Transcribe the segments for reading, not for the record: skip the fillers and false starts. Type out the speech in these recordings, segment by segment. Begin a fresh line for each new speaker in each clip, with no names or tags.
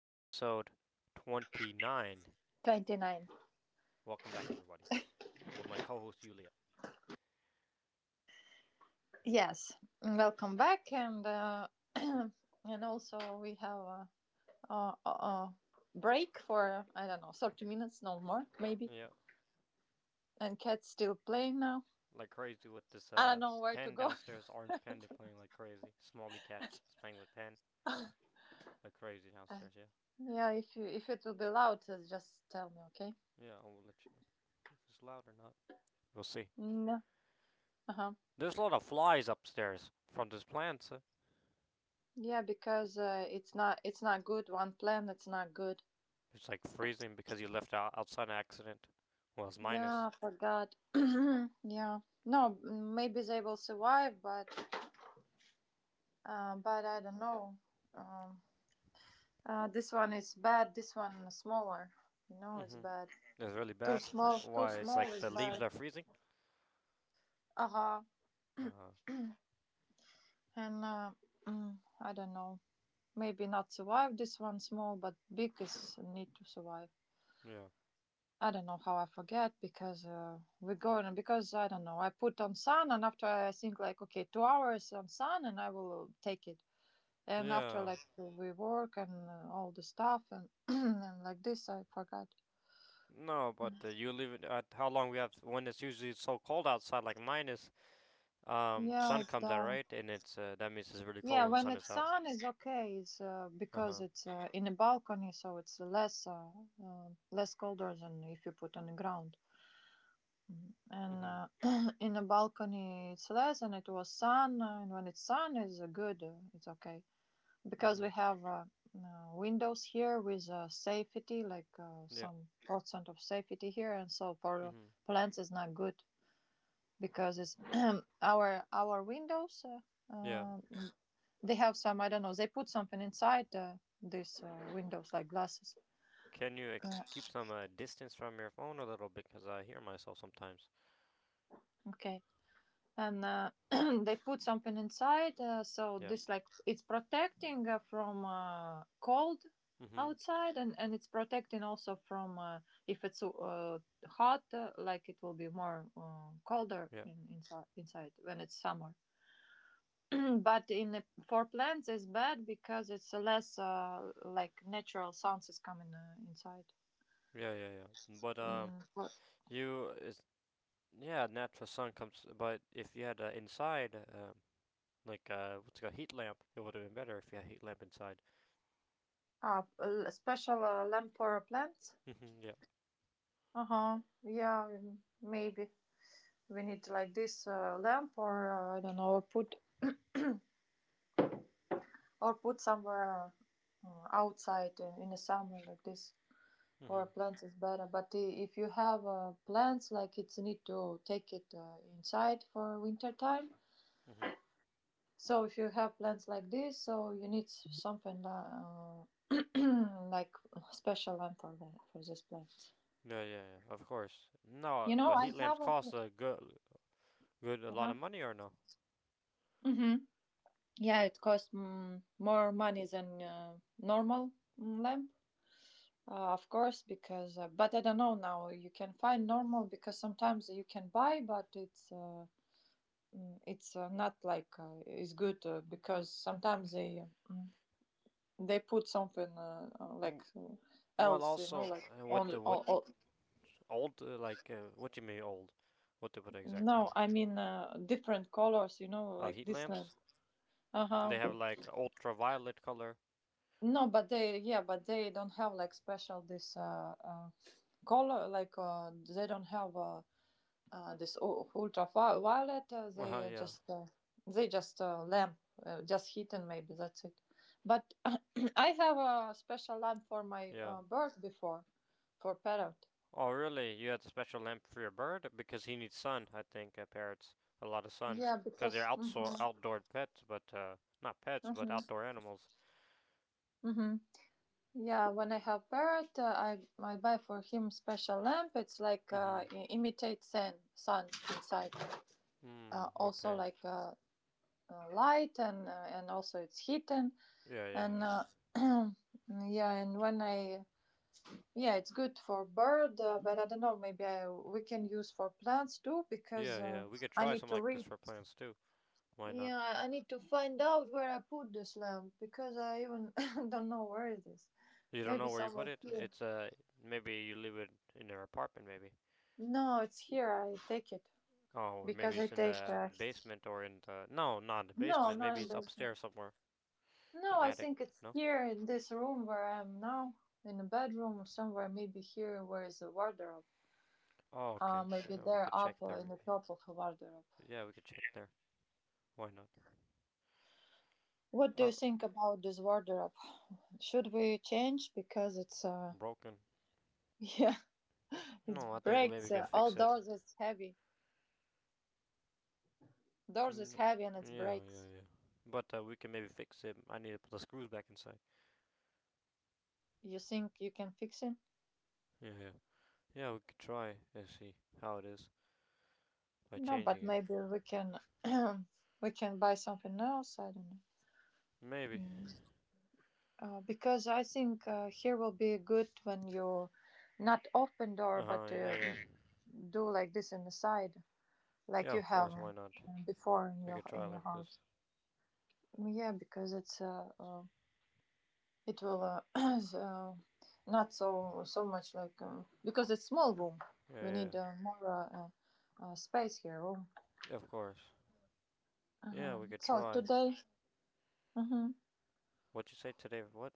episode 29.
29.
Welcome back, everybody, with my co host, Yulia.
Yes, welcome back. And and also we have a, a break for, I don't know, 30 minutes, no more, maybe.
Yeah,
And cat's still playing now.
like crazy with this
I don't know where to
pen
go.
downstairs, orange pen, they're playing like crazy. Smalley cat is playing with pen like crazy
Uh,
downstairs, yeah?
yeah, if you if it will be loud, just tell me, okay?
Yeah, I will let you know if it's loud or not. We'll see.
No. Uh-huh.
There's a lot of flies upstairs from this plant.
Yeah, because it's not good. One plan, it's not good.
It's like freezing because you left out outside an accident. Well, it's
Yeah,
minus.
I forgot. yeah. No, maybe they will survive, but I don't know. Um, this one is bad. This one is smaller. You know,
Mm
it's
hmm.
bad.
It's really
Too
bad.
small. Too
Why? It's
small
like
is
the leaves
bad.
are freezing?
Uh huh.
Huh.
And uh, I don't know. Maybe not survive this one small, but big is need to survive.
Yeah.
I don't know how I forget because we're going because I don't know. I put on sun and after I think like okay, 2 hours on sun and I will take it. And after
Yeah.
like we work and all the stuff and and like this, I forgot.
No, but you leave it at how long we have when it's usually so cold outside, like minus.
Yeah,
Sun
it's
comes out,
done.
right? And it's that means it's really cold
Yeah,
when
when
sun is
it's
out.
on, it's okay. It's
Uh
because
huh.
it's in a balcony, so it's less less colder than if you put on the ground. And
Mhm.
uh, in a balcony, it's less, and it was sun. And when it's sun, it's good. It's okay because we
Mhm.
have windows here with safety, like
Yeah.
some percent of safety here, and so for
Mhm.
plants, it's not good because it's our windows.
Yeah.
Uh, They have some, I don't know, they put something inside these windows, like glasses.
Can you
Uh,
keep some distance from your phone a little bit? Cause I hear myself sometimes.
okay. And they put something inside, so
Yeah.
this, like, it's protecting from cold
Mhm.
outside and it's protecting also from if it's hot like it will be more colder
Yeah.
in, inside when it's summer but in the, for plants it's bad because it's less like natural sounds is coming inside.
Yeah. Yeah. Yeah. But
Mm, for
you is yeah, natural sun comes. But if you had inside, like what's it called, heat lamp, it would have been better if you had heat lamp inside.
Special lamp for plants?
Mhm. Yeah.
Uh huh. Yeah, maybe we need like this lamp, or I don't know, or put somewhere outside in the summer like this for
Mm-hmm.
plants is better. But if you have plants, like it's need to take it inside for winter time.
Mm-hmm.
So if you have plants like this, so you need something like special lamp for that for this plant.
Yeah, yeah, yeah. Of course. No,
You know,
but
I
heat lamps
have a.
cost a
Uh
lot
huh.
of money, or no?
Mm-hmm. Yeah, it cost more money than normal lamp, of course, because but I don't know now. You can find normal because sometimes you can buy, but it's not like it's good because sometimes they mm, they put something like
W- Well,
else, you know,
also,
like on
what
all.
old? Like, what you mean old? What to put exactly?
No, I mean different colors, you know,
Oh,
like
heat
this lamp.
lamps.
Uh huh.
They have like ultraviolet color.
No, but they yeah, but they don't have like special this color like they don't have this ultraviolet
Uh huh.
they
Yeah.
just they just lamp just heating maybe that's it but I have a special lamp for my
Yeah.
bird before for parrot
Oh, really? You had a special lamp for your bird because he needs sun. I think parrots a lot of sun
yeah
because they're
because
outso
Mhm,
outdoor pets, but not pets, but
mhm,
outdoor animals.
mhm. Yeah when I have parrot, I buy for him special lamp. It's like
Mm-hmm.
imitate sun inside,
Mm.
also
Okay.
like light and also it's heating.
Yeah. Yeah.
And yeah, and when I yeah, it's good for bird, but I don't know. Maybe we can use for plants too because
Yeah, yeah. We could
I
try
need
something
to
like this
read.
for plants too. Why not?
Yeah, I need to find out where I put this lamp because I even don't know where it is.
You don't
Maybe
know where you put
somewhere
it.
here.
It's maybe you leave it in your apartment maybe.
No, it's here. I take it
Oh, or maybe
because I
it's in
take.
the basement, or in the, no, not the
No,
basement.
not
Maybe
in
it's
basement.
upstairs somewhere,
No,
in
I
attic.
think it's
No.
here in this room where I am now, in the bedroom or somewhere. Maybe here where is the wardrobe.
Oh, okay.
Maybe
Yeah, we
they're
could
up
check there
in
maybe.
the top of a wardrobe.
Yeah, we could check there. Why not?
What do you
Uh,
think about this wardrobe? Should we change because it's
Broken.
yeah it
No, I think we
breaks
maybe can
all
fix it.
doors is heavy, doors
Mm,
is
no.
heavy and it
Yeah,
breaks.
yeah, yeah. But we can maybe fix it. I need to put the screws back inside.
You think you can fix it?
Yeah, yeah. Yeah, we could try and see how it is by
No, but
changing it.
maybe we can we can buy something else. I don't know.
Maybe.
Mm. Because I think here will be good when you not open door
Uh huh.
but
Yeah, yeah.
do like this in the side like
Yeah,
you
of
have
course. Why not?
before
We could try
in your
like this.
house. Yeah, because it will not so much like because it's small room.
Yeah,
We
yeah.
need more space here. Room.
Yeah. Of course. Yeah, we could
So
try.
today, mhm.
What you say today? What?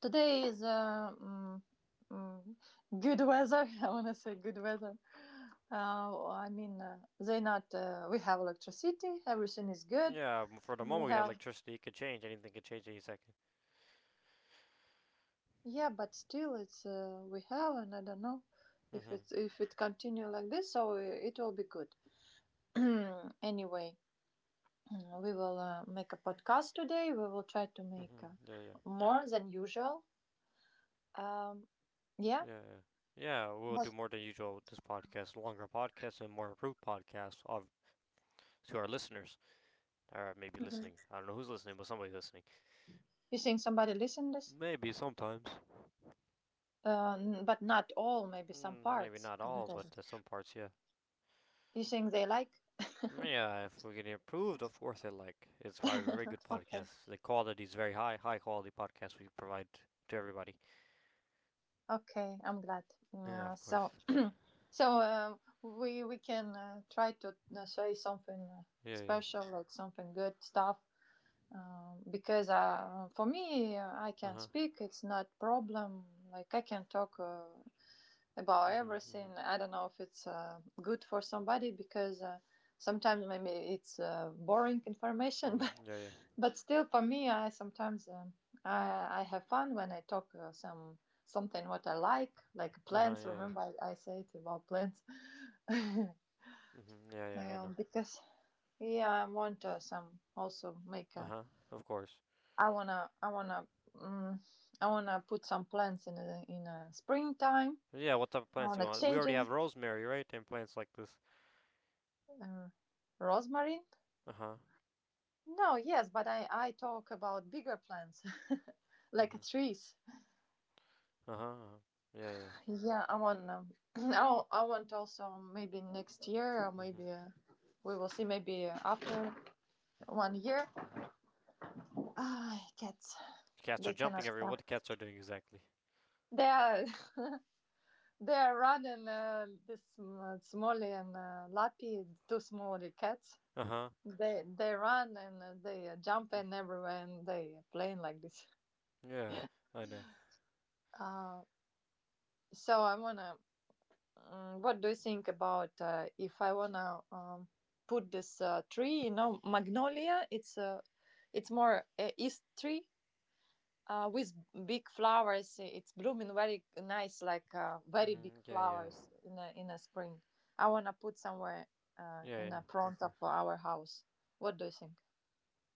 today is mm, good weather. I want to say good weather. I mean, they not. We have electricity. Everything is good.
Yeah. For the
We
moment, we have
have.
electricity. It could change. Anything could change any second.
Yeah, but still, it's we have, and I don't know if
Mhm.
it's if it continue like this, so it will be good. anyway, we will make a podcast today. We will try to make
Mhm. Yeah, yeah.
more than usual. Um, yeah,
Yeah, yeah. Yeah, we'll do
but
more than usual with this podcast, longer podcast and more improved podcasts of to our listeners. Or maybe listening. I don't know who's listening, but somebody's listening.
you think somebody listen this?
Maybe sometimes.
But not all, maybe some
Mm, maybe
parts,
not
a
all,
little
but
bit.
some parts, yeah.
You think they like?
Yeah, if we can improve, of course, I like. It's probably a very good
Okay,
podcast. The quality is very high, high quality podcast we provide to everybody.
okay, I'm glad.
Yeah,
Uh,
of course.
so So we can try to say something
Yeah, yeah.
special, like something good stuff, because for me I
Uh
can
huh.
speak. It's not problem. Like I can talk. About
Mhm.
everything.
Mhm.
I don't know if it's good for somebody because sometimes maybe it's boring information,
Mhm. Yeah, yeah.
but still for me, I sometimes I have fun when I talk something what I like
Uh huh.
plants.
Yeah, yeah.
Remember, I said about plants. um,
Mhm. Yeah, yeah. I know.
because yeah, I want some also make
Uh
a.
huh. Of course.
I wanna I wanna um, I wanna put some plants in in a springtime.
Yeah. What type of
I
plants do you
wanna
want? We
change
already have
it.
rosemary, right? And plants like this.
Uh, rosemarine?
Uh huh.
No, yes, but I talk about bigger plants like
Mhm.
trees.
Uh huh. Uh-huh. Yeah, yeah.
Yeah, I want I want also maybe next year or
Mhm.
maybe we will see maybe after one year.
Mhm.
Ah, cats,
Cats are
they cannot
jumping everywhere. What the
stop.
cats are doing exactly?
They are they are running this Smolly and Lappy, two small cats.
Uh huh.
They run and they jump in everywhere and they playing like this.
Yeah. I know.
Uh, so I wanna Mm, what do you think about if I wanna put this tree? You know, magnolia. It's more east tree with big flowers. It's blooming very nice, like very big
Mhm. Yeah, yeah.
flowers in in a spring. I wanna put somewhere
Yeah,
in
yeah.
the
Of
front of
course.
our house. What do you think?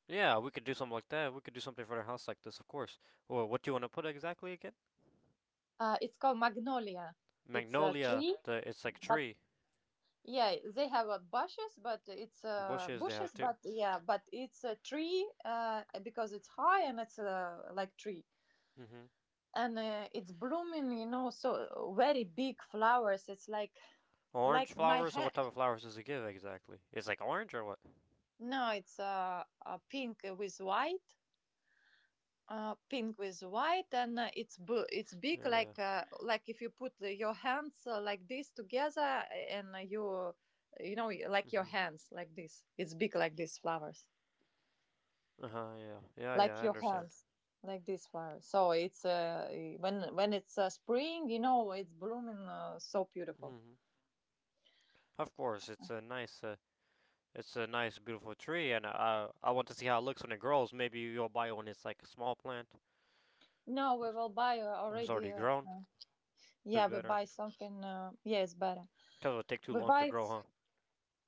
Yeah, we could do something like that. We could do something for their house like this, of course. Well, what do you want to put exactly again?
It's called magnolia. It's a
Magnolia.
tree,
The It's like
but
tree
yeah, they have
bushes. They have
bushes,
too.
but yeah, but it's a tree because it's high and it's like tree
Mm-hmm.
and it's blooming, you know, so very big flowers. It's
Orange
like my
flowers or what
hand.
type of flowers does it give exactly? It's like orange or what?
No, it's pink with white, and it's big,
Yeah, yeah.
like if you put your hands like this together and you know like your
Mm-hmm.
hands like this. It's big like these flowers.
Uh huh. Yeah, yeah, yeah.
Like
I
your
understand.
hands like this far so it's when it's spring you know it's blooming so beautiful.
Mm-hmm. Of course, it's a nice, beautiful tree, and I want to see how it looks when it grows. Maybe you'll buy one. It's like a small plant.
No we will buy
It's
already
already grown. It's
yeah we
better.
buy something yeah it's better,
Cause it'll take too
we
long to
buy
grow, huh?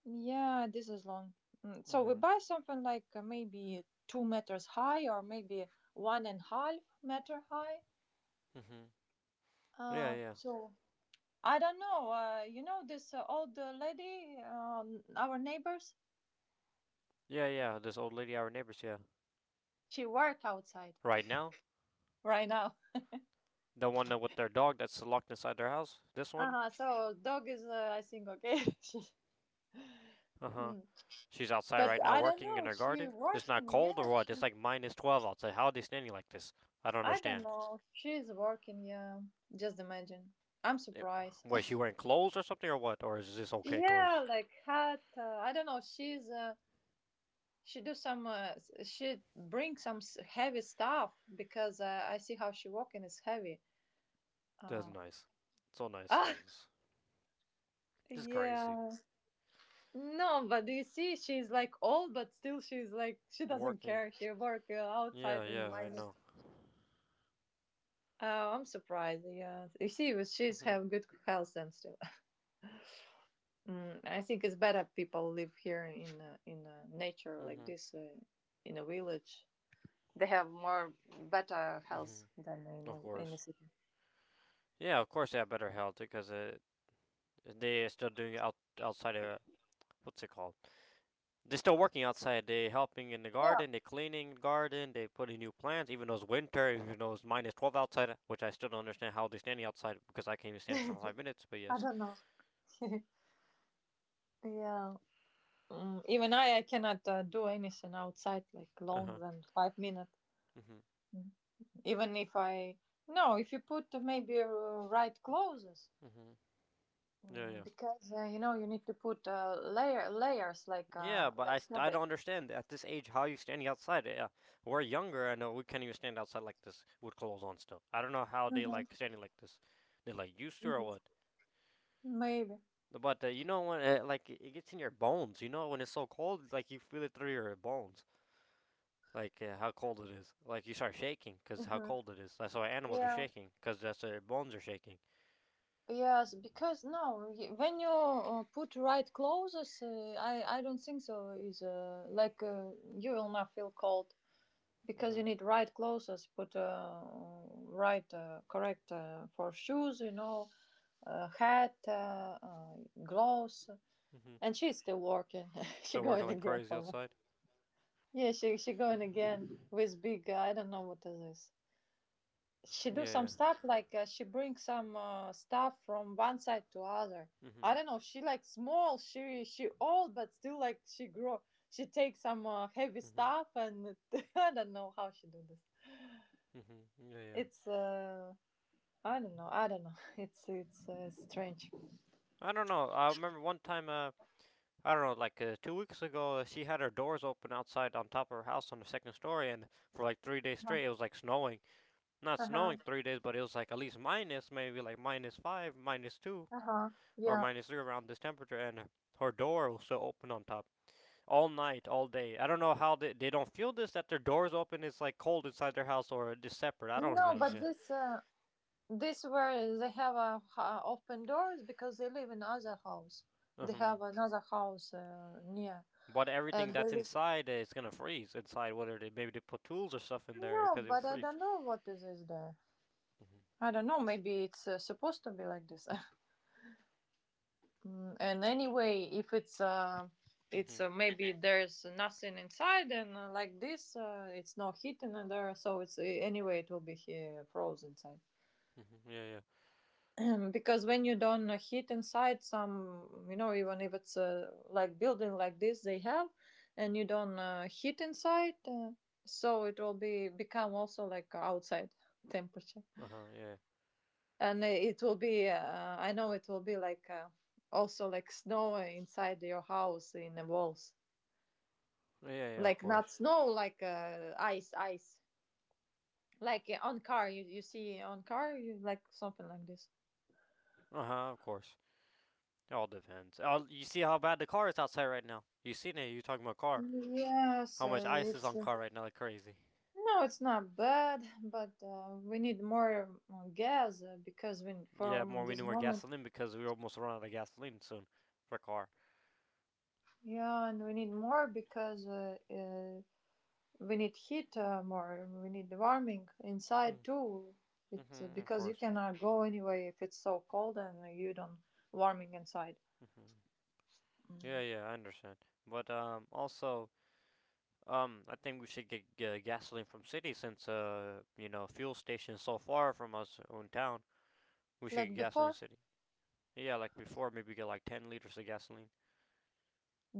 yeah this is long. So we
Mm-hmm.
buy something like maybe 2 meters high or maybe one and half meter high
Mm-hmm. Yeah, yeah.
so I don't know you know this old lady our neighbors,
Yeah, yeah, this old lady, our neighbors, yeah.
she work outside
Right now?
right now.
The one that with their dog that's locked inside their house? This one?
Uh-huh. So dog is, I think, okay. She-
Uh huh.
Mm.
She's outside
But
right now
I don't
working in
know.
her
She
garden? It's not
working,
cold
yeah.
or what? It's
She,
like minus 12 outside. How are they standing like this? I don't
I don't
understand.
know. She's working, yeah. Just imagine. I'm
It,
surprised.
was she wearing clothes or something or what? Or is this okay
Yeah,
clothes?
like hat. I don't know. She do some. She bring some heavy stuff because I see how she walking is heavy.
That's
Uh,
nice. So nice to
ah,
know this. This is crazy.
yeah. No, but do you see? She's like old, but still she's like she doesn't
Working?
care. She work
Yeah,
outside in
yeah, I
minus.
know.
Oh, I'm surprised. Yeah, you see, but
Mm
she's
hmm.
have good health and still. Mm, I think it's better people live here in nature
Mm
like
hmm.
this, in a village. They have more better
Mm hmm.
health than in
Of
in a
course.
city.
Yeah, of course they have better health because they are still doing it outside of. What's it called? They're still working outside. They're helping in the
Yeah,
garden. They're cleaning the garden. They're putting new plants, even though it's winter, even though it's minus 12 outside, which I still don't understand how they're standing outside because I can't even stand for 5 minutes, but yes.
yeah. Mm, even I cannot do anything outside like
Uh
long
huh.
than 5 minutes.
Mm hmm.
Mm. Even if I no, if you put maybe right clothes,
Mm hmm. Yeah,
Mm,
yeah.
because uh, you know you need to put layers
Yeah, but
like
I
fabric.
don't understand at this age how you standing outside. Yeah, we're younger. I know we can't even stand outside like this with clothes on still. I don't know how they
hmm
like standing like this. They're like used to or
hmm
what?
Maybe.
But you know when like it gets in your bones. You know when it's so cold, like you feel it through your bones. Like how cold it is. Like you start shaking because how
hmm
cold it is. That's why animals are
Yeah.
shaking because that's why their bones are shaking.
Yes, because no, y- when you put right clothes, uh, I don't think so. Is you will not feel cold because
Mm-hmm.
you need right clothes. Put right correct for shoes, you know, hat, gloves.
Mm-hmm.
And she's still working. she
So working
going
like
again
crazy
for
outside.
Yeah, she going again with big. I don't know what is this. She do some
Yeah,
stuff like she brings some stuff from one side to other.
yeah. Mm-hmm.
I don't know. She like small. She old, but still like she grow. She takes some heavy
Mm-hmm.
stuff, I don't know how she do this.
Mm-hmm. Yeah, yeah.
It's I don't know. I don't know. It's strange.
I don't know. I remember one time. I don't know, like 2 weeks ago, she had her doors open outside on top of her house on the second story, and for like 3 days straight, it was like snowing. Not
Uh huh.
snowing 3 days, but it was like at least minus, maybe like minus five, minus two,
Uh huh.
or
Yeah.
minus three around this temperature, and her door was still open on top. All night, all day. I don't know how they don't feel this that their doors open. It's like cold inside their house or it's separate. I don't
No,
even
but
understand.
this. This where they have open doors because they live in other house. They
Hmm.
have another house near,
But
and
everything
they
that's
live.
inside is gonna freeze inside. Whether they maybe they put tools or stuff in there
No,
because it will
but I
freeze.
don't know what is this there.
Hmm.
I don't know. Maybe it's supposed to be like this. And anyway, if it's it's
Hmm.
maybe there's nothing inside, and it's not heating in there. So it's anyway, it will be here frozen inside.
Hmm. Yeah, yeah.
Because when you don't heat inside some you know even if it's like building like this they have and you don't heat inside so it will be become also like outside temperature
Uh huh. Yeah.
and it will be I know it will be like also like snow inside your house in the walls
Yeah, yeah. Of
like
course.
not snow like ice like on car you see on car you like something like this
Uh huh. Of course. It all depends. Oh, you see how bad the car is outside right now. You seen it? You talking about car?
yes
How much ice is
it's
on car right now? Like crazy.
No, it's not bad, but we need more gas because we
Yeah, more
from
we need
this
more
moment,
gasoline because we almost run out of gasoline soon for car.
yeah, and we need more because we need heat more. We need warming
Hmm.
inside too. It's
Mm-hmm, of
because you
course.
cannot go anyway if it's so cold and you don't warming inside.
Mm-hmm. Yeah, yeah, I understand. But also, I think we should get gasoline from city since fuel station's so far from us in town. We should
Like
get gasoline
before,
city. Yeah, like before, maybe get like 10 liters of gasoline.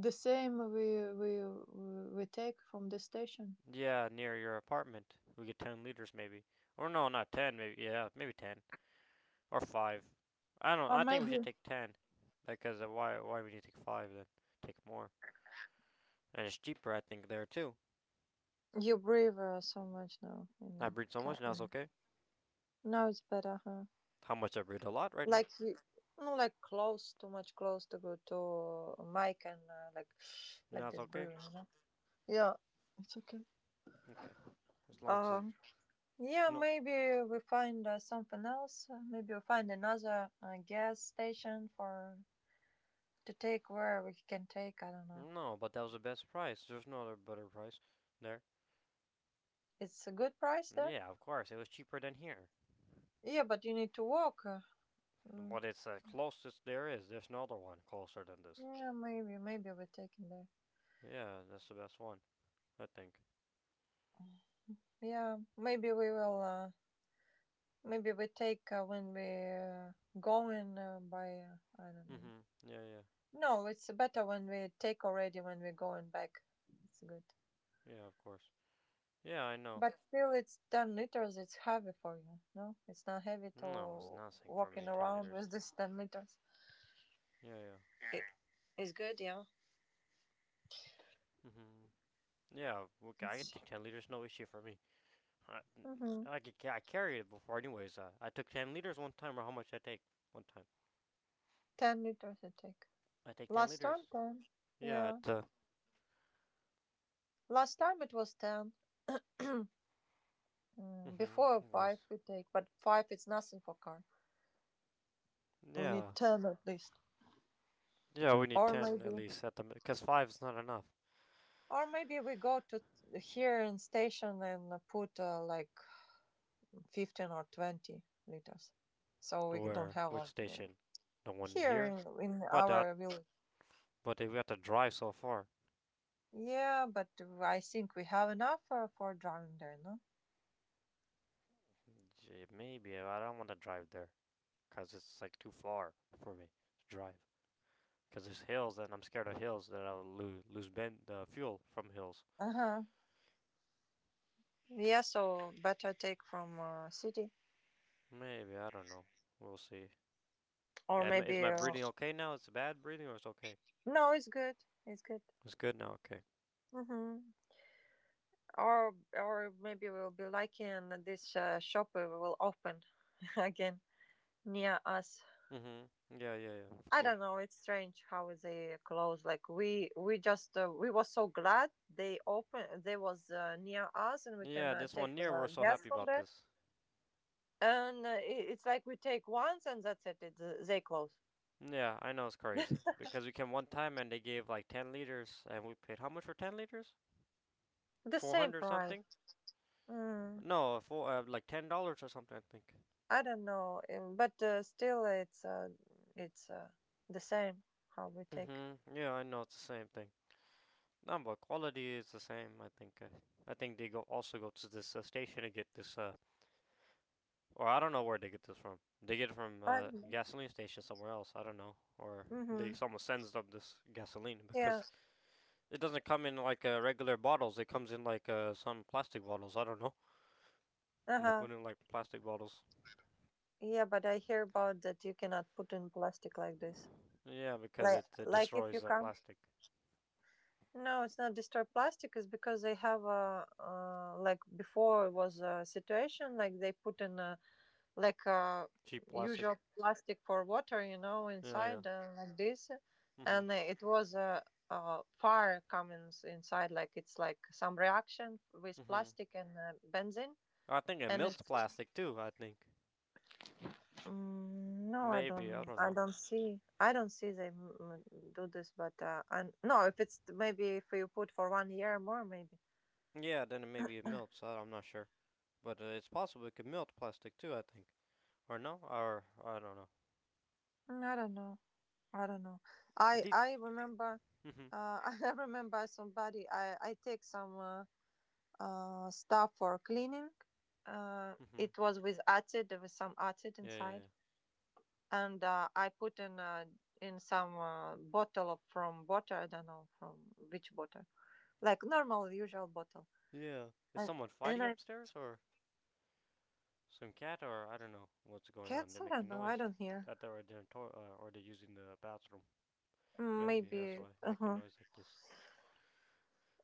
the same we take from the station,
Yeah, near your apartment, we get 10 liters maybe, or no, not 10, maybe yeah, maybe 10 or five. I don't.
or
I think we should
maybe
take 10, because why? Why we need to take five then? Take more, and it's cheaper, I think, there too.
you breathe so much now in
I
the
breed so much now, it's
cabin.
okay.
Now it's better, huh?
How much I read a lot right now.
Like you, no, like close, too much close to go to mic and like like
That's
this
okay.
brewing. You know? Yeah, it's okay.
Okay. As long as it-
Um, yeah,
No,
maybe we find something else. Maybe we find another gas station for to take where we can take. I don't know.
no, but that was the best price. There's no other better price there.
It's a good price there.
Yeah, of course. It was cheaper than here.
Yeah, but you need to walk. Mm.
But it's the closest there is. There's no other one closer than this.
Yeah, maybe we take it there.
Yeah, that's the best one, I think.
Yeah, maybe we will. Maybe we take when we going by. I don't know.
Mhm. Yeah, yeah.
No, it's better when we take already when we're going back. It's good.
Yeah, of course. Yeah, I know.
But still, it's 10 liters. It's heavy for you. No, it's not heavy
No, it's
to
nothing for
walking
me. Ten
around
liters.
with this 10 liters.
Yeah, yeah.
It, it's good, yeah.
Mhm. Yeah, okay, I could take 10 liters. No issue for me. I,
Mm-hmm.
like, I, could, I carried it before, anyways. I took 10 liters one time, or how much I take one time?
10 liters it take.
I take 10
Last time,
liters.
10.
Yeah.
Yeah.
at
Last time it was 10. Mm,
Mm-hmm,
before
of
5
course.
we take, but 5 it's nothing for car. We need
Yeah,
10 at least.
yeah, we need
Or
10 at
maybe.
least at the because five is not enough.
Or maybe we go to here in station and put like 15 or 20 liters. So we don't
Where
have
which
a,
station? The one
here
here.
in
But that,
our village.
but we have to drive so far.
Yeah, but I think we have enough for drowning there, no?
Gee, maybe I don't want to drive there because it's like too far for me to drive. Because there's hills, and I'm scared of hills that I'll lose the fuel from hills.
Uh huh. Yeah, so better take from city
Maybe I don't know. We'll see.
or
Is
maybe
my breathing okay now? It's bad breathing or it's okay?
no, it's good. It's good.
It's good now, okay.
Mm-hmm. Or maybe we'll be lucky and this shop will open again near us.
Mm-hmm. Yeah, yeah, yeah, of
I
course.
don't know. It's strange how they close. Like we just we were so glad they open. They was near us, and we can
Yeah, this
take
one year we're so
gas
happy
from
about
there.
this.
And it's like we take once, and that's it. They close.
Yeah, I know it's crazy. Because we came one time and they gave like 10 liters, and we paid how much for 10 liters?
The same
400 something?
price. Mm,
No, four, like $10 or something, I think.
I don't know, but still, it's the same how we take.
Mm-hmm. Yeah, I know it's the same thing. No, but quality is the same, I think. I think they go, also go to this station to get this. Or I don't know where they get this from. They get it from
I don't
a
know.
gasoline station somewhere else. I don't know. Or
Mm-hmm.
they, someone sends them this gasoline
Yeah.
because it doesn't come in like regular bottles. It comes in like some plastic bottles. I don't know.
Uh
They
huh.
put in like plastic bottles.
Yeah, but I hear about that you cannot put in plastic like this.
Yeah, because it
Like if you
destroys the
come.
plastic.
No, it's not disturbed plastic. It's because they have a like before it was a situation like they put in a
Cheap plastic.
usual plastic for water, you know,
Yeah, yeah.
inside like this,
Mhm.
and a fire coming inside. Like it's like some reaction with
Mhm.
plastic and benzene,
I think it
and
melts plastic too. I think
no,
maybe I don't know.
I don't see they do this. But and no, if it's maybe if you put for one year more, maybe.
Yeah, then maybe it melts. I'm not sure, but it's possible it could melt plastic too. I think, or no, or I don't know.
I don't know. I don't know.
These
I remember.
Mhm.
I remember somebody. I take some stuff for cleaning.
Mhm.
It was with acid. There was some acid
Yeah, yeah, yeah.
inside, and I put in some bottle from water. I don't know from which bottle, like normal usual bottle.
Yeah. Is
And
someone
and
fighting
I
upstairs or some cat, or I don't know what's going on?
cats.
They're
I don't
making
know. I
noise.
don't hear.
That they're in their or they're using the bathroom.
Mm,
Maybe that's why
maybe.
they're making noise like this.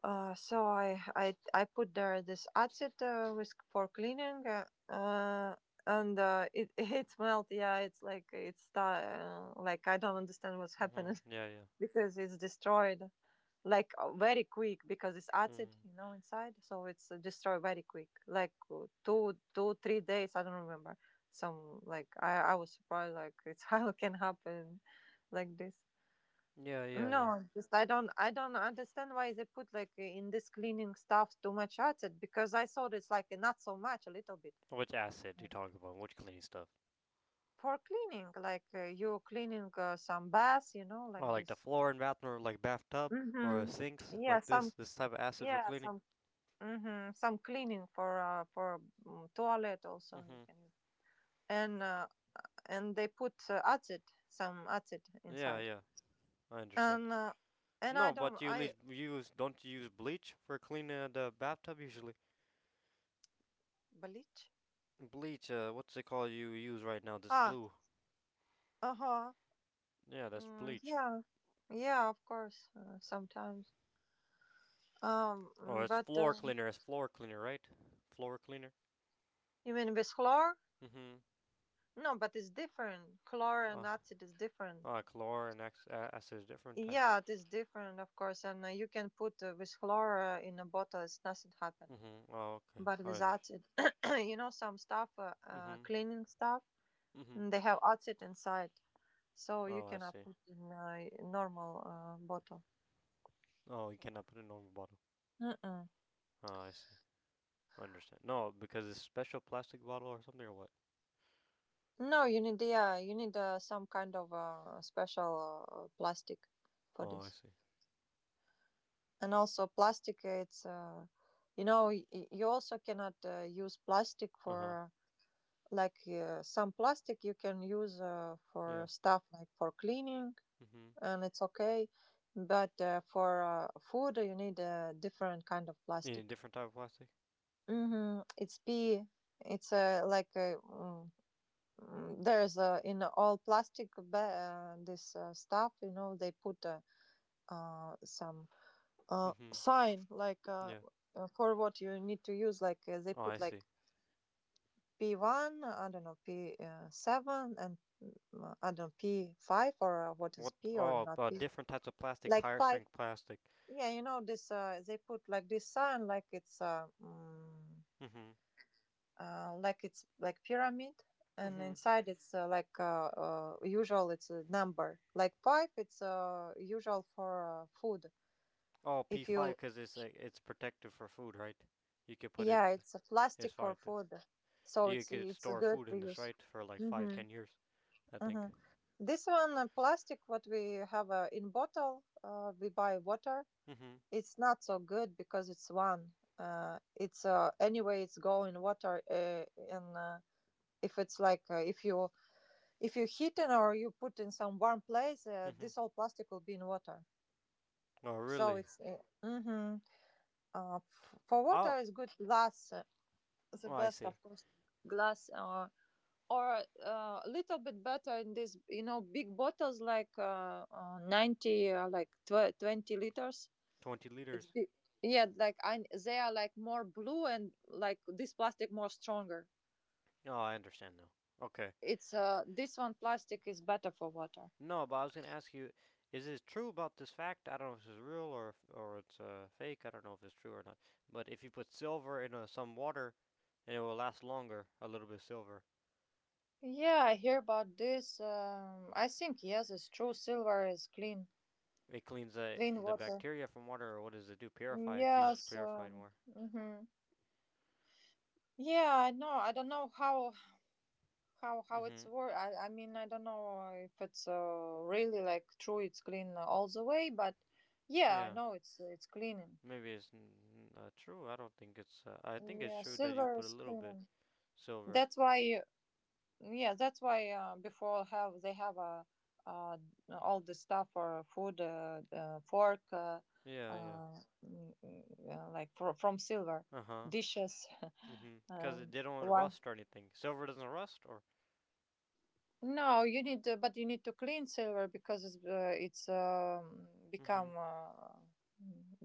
So I put there this acid with for cleaning, and it it smelled. Yeah, it's like like I don't understand what's
Mhm.
happening
Yeah, yeah.
because it's destroyed like very quick because it's acid,
Mm.
you know, inside. So it's destroyed very quick, like two three days. I don't remember. Some like I was surprised like it's how it can happen like this.
Yeah, yeah, yeah.
No, just I don't understand why they put like in this cleaning stuff too much acid, because I thought it's like not so much, a little bit.
Which acid you
Mm.
talking about? Which cleaning stuff?
For cleaning, like you cleaning some bath, you know,
Oh,
like
like the
this.
floor in bathroom, like bathtub or sinks,
Mm-hmm. Yeah,
like this. This type of acid for cleaning.
some mm-hmm, some cleaning for toilet also you
Mhm.
can use and they put acid some acid
Yeah,
inside
yeah. I understand.
and uh, and I
No,
don't
but you at
I
least use don't you use bleach for cleaning the bathtub usually?
bleach.
Bleach, what's it called you use right now? This
Ah.
blue.
Uh huh.
Yeah, that's
Mm,
bleach.
yeah, yeah, of course, sometimes.
Oh,
Mm,
it's
but
floor cleaner. It's floor cleaner, right? Floor cleaner.
you mean with chlor?
Mm-hmm.
No, but it's different. Chlor and
Uh,
acid is different.
Chlor and acid, different types.
Yeah, it is different, of course. And you can put with chlor in a bottle, it's nothing happen.
Mm-hmm. Oh, okay.
But
I
with
understand.
acid, you know,
Mm-hmm.
cleaning stuff,
Mm-hmm.
and they have acid inside, so you
Oh, I
cannot
see.
put in a normal bottle.
Oh, you cannot put it in a normal bottle.
Mm-mm.
Oh, I see. I understand. No, because it's special plastic bottle or something or what?
No, you need yeah, you need some kind of special plastic for
Oh, I
this.
see.
And also plastic, it's you know you also cannot use plastic
Uh-huh.
for like some plastic you can use for
Yeah.
stuff like for cleaning
Mm-hmm.
and it's okay, but for food you need a different kind of
Any
plastic.
different type of plastic?
Mm-hmm. It's P. It's like a. Mm, there's in all plastic this stuff you know they put some
Mm-hmm.
sign like
Yeah.
for what you need to use like they
Oh, I
put
see.
like p1, I don't know, p7 and mm, I don't know p5 or what is
What?
p or
Oh,
not p
different types of plastic,
like
higher
5.
strength plastic.
Yeah, you know this they put like this sign like it's mm
Mhm.
like it's like pyramid and
Mhm.
inside it's like usual it's a number like five, it's usual for food.
Oh, P
If
five
you
because it's like it's protective for food, right? You could put
Yeah,
it.
it's a
It's
plastic for
fine to.
food, so
You could
it's a
store
good
food
to
in this,
use.
right, for like five,
hmm
10 years, I
hmm
think.
this one plastic what we have in bottle we buy water,
Mhm.
it's not so good because it's one it's anyway it's go in water and if it's like if you, if you heat it or you put in some warm place,
Mhm.
this all plastic will be in water.
Oh,
So
really?
it's hmm for water
Oh,
is good glass, the
oh, I
best
see.
of course, glass or a little bit better in this you know big bottles like 20 liters.
Twenty
It's
liters.
big. Yeah, like I, they are like more blue and like this plastic more stronger.
Oh, I understand now. Okay.
It's this one plastic is better for water.
No, but I was gonna ask you, is it true about this fact? I don't know if, it's real or if, or it's fake. I don't know if it's true or not. But if you put silver in some water, and it will last longer. A little bit of silver.
Yeah, I hear about this. I think yes, it's true. Silver is clean,
It cleans the
clean
the
water.
bacteria from water, or what does it do? Purify. It keeps
Yes.
purified more.
Hmm yeah, I know. I don't know how it's
Mhm.
work. I mean, I don't know if it's really like true. It's clean all the way, but yeah, I
Yeah.
know it's cleaning.
Maybe it's not true. I don't think it's. I think it's
Yeah,
true that you
silver
put a
is
little bit
cleaning.
silver.
That's why. Yeah, that's why before have they have uh, all the stuff for food, fork,
Yeah. Yeah.
uh, mm, mm, like for, from silver,
Uh huh.
dishes.
Mhm. Because they don't
Why?
rust or anything. Silver doesn't rust, or.
No, you need, but you need to clean silver because it's
Mhm.
become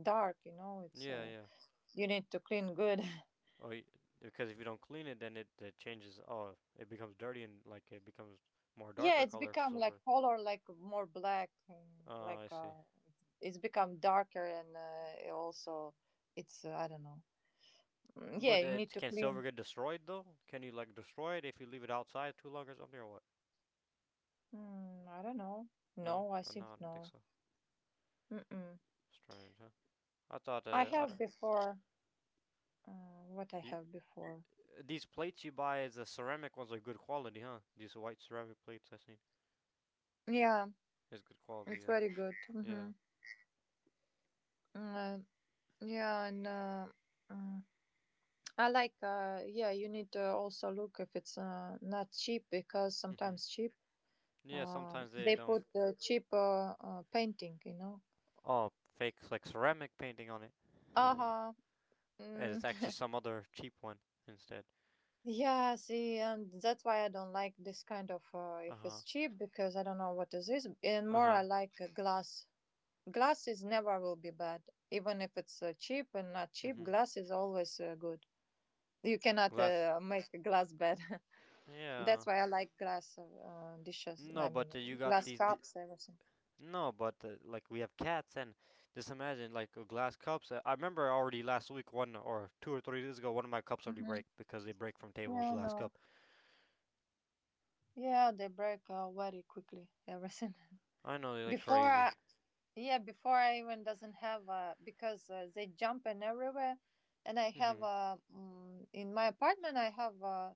dark. You know, it's
Yeah. Yeah.
you need to clean good.
Oh. Because if you don't clean it, then it changes. Oh, it becomes dirty, and like it becomes more
Yeah,
darker
it's
color for
become
silver.
like color, like more black, and
Oh, I
like
see.
it's become darker, and it also it's I don't know. Yeah,
But
you need to
can silver
clean.
get destroyed though? Can you like destroy it if you leave it outside too long or something or what?
I don't know.
No,
No, I
no,
think
I don't think
no.
so.
Mm-mm.
Strange, huh? I thought.
I
I
have
don't.
before. What I
You
have before.
These plates you buy is the ceramic ones are good quality, huh? These white ceramic plates I seen
Yeah,
is good quality,
it's
yeah,
very good.
yeah,
Mm-hmm. Uh, yeah, mm, I like. Yeah, you need to also look if it's not cheap, because
hmm
sometimes cheap.
yeah. Sometimes they
They put the cheaper painting, you know.
oh fake like ceramic painting on it,
Uh huh.
and it's actually
Mm,
some other cheap one instead.
yeah, see, and that's why I don't like this kind of
Uh
if
huh,
it's cheap, because I don't know what is this. And
uh
more, I
huh,
like glass. Glass is never will be bad, even if it's cheap and not cheap.
hmm
Glass is always good. You cannot
glass,
make a glass bad. That's
yeah.
why I like glass dishes. I
No,
mean,
but
glass cups, everything.
Like we have cats, and just imagine like glass cups. I remember already last week, 1 or 2 or 3 days ago, one of my cups already break because they break from table
Yeah,
glass
no.
cup.
Yeah, they break very quickly. Everything.
I know they like
Before
crazy.
I, yeah, before I even doesn't have because they jump in everywhere, and I have
Hmm.
in my apartment I have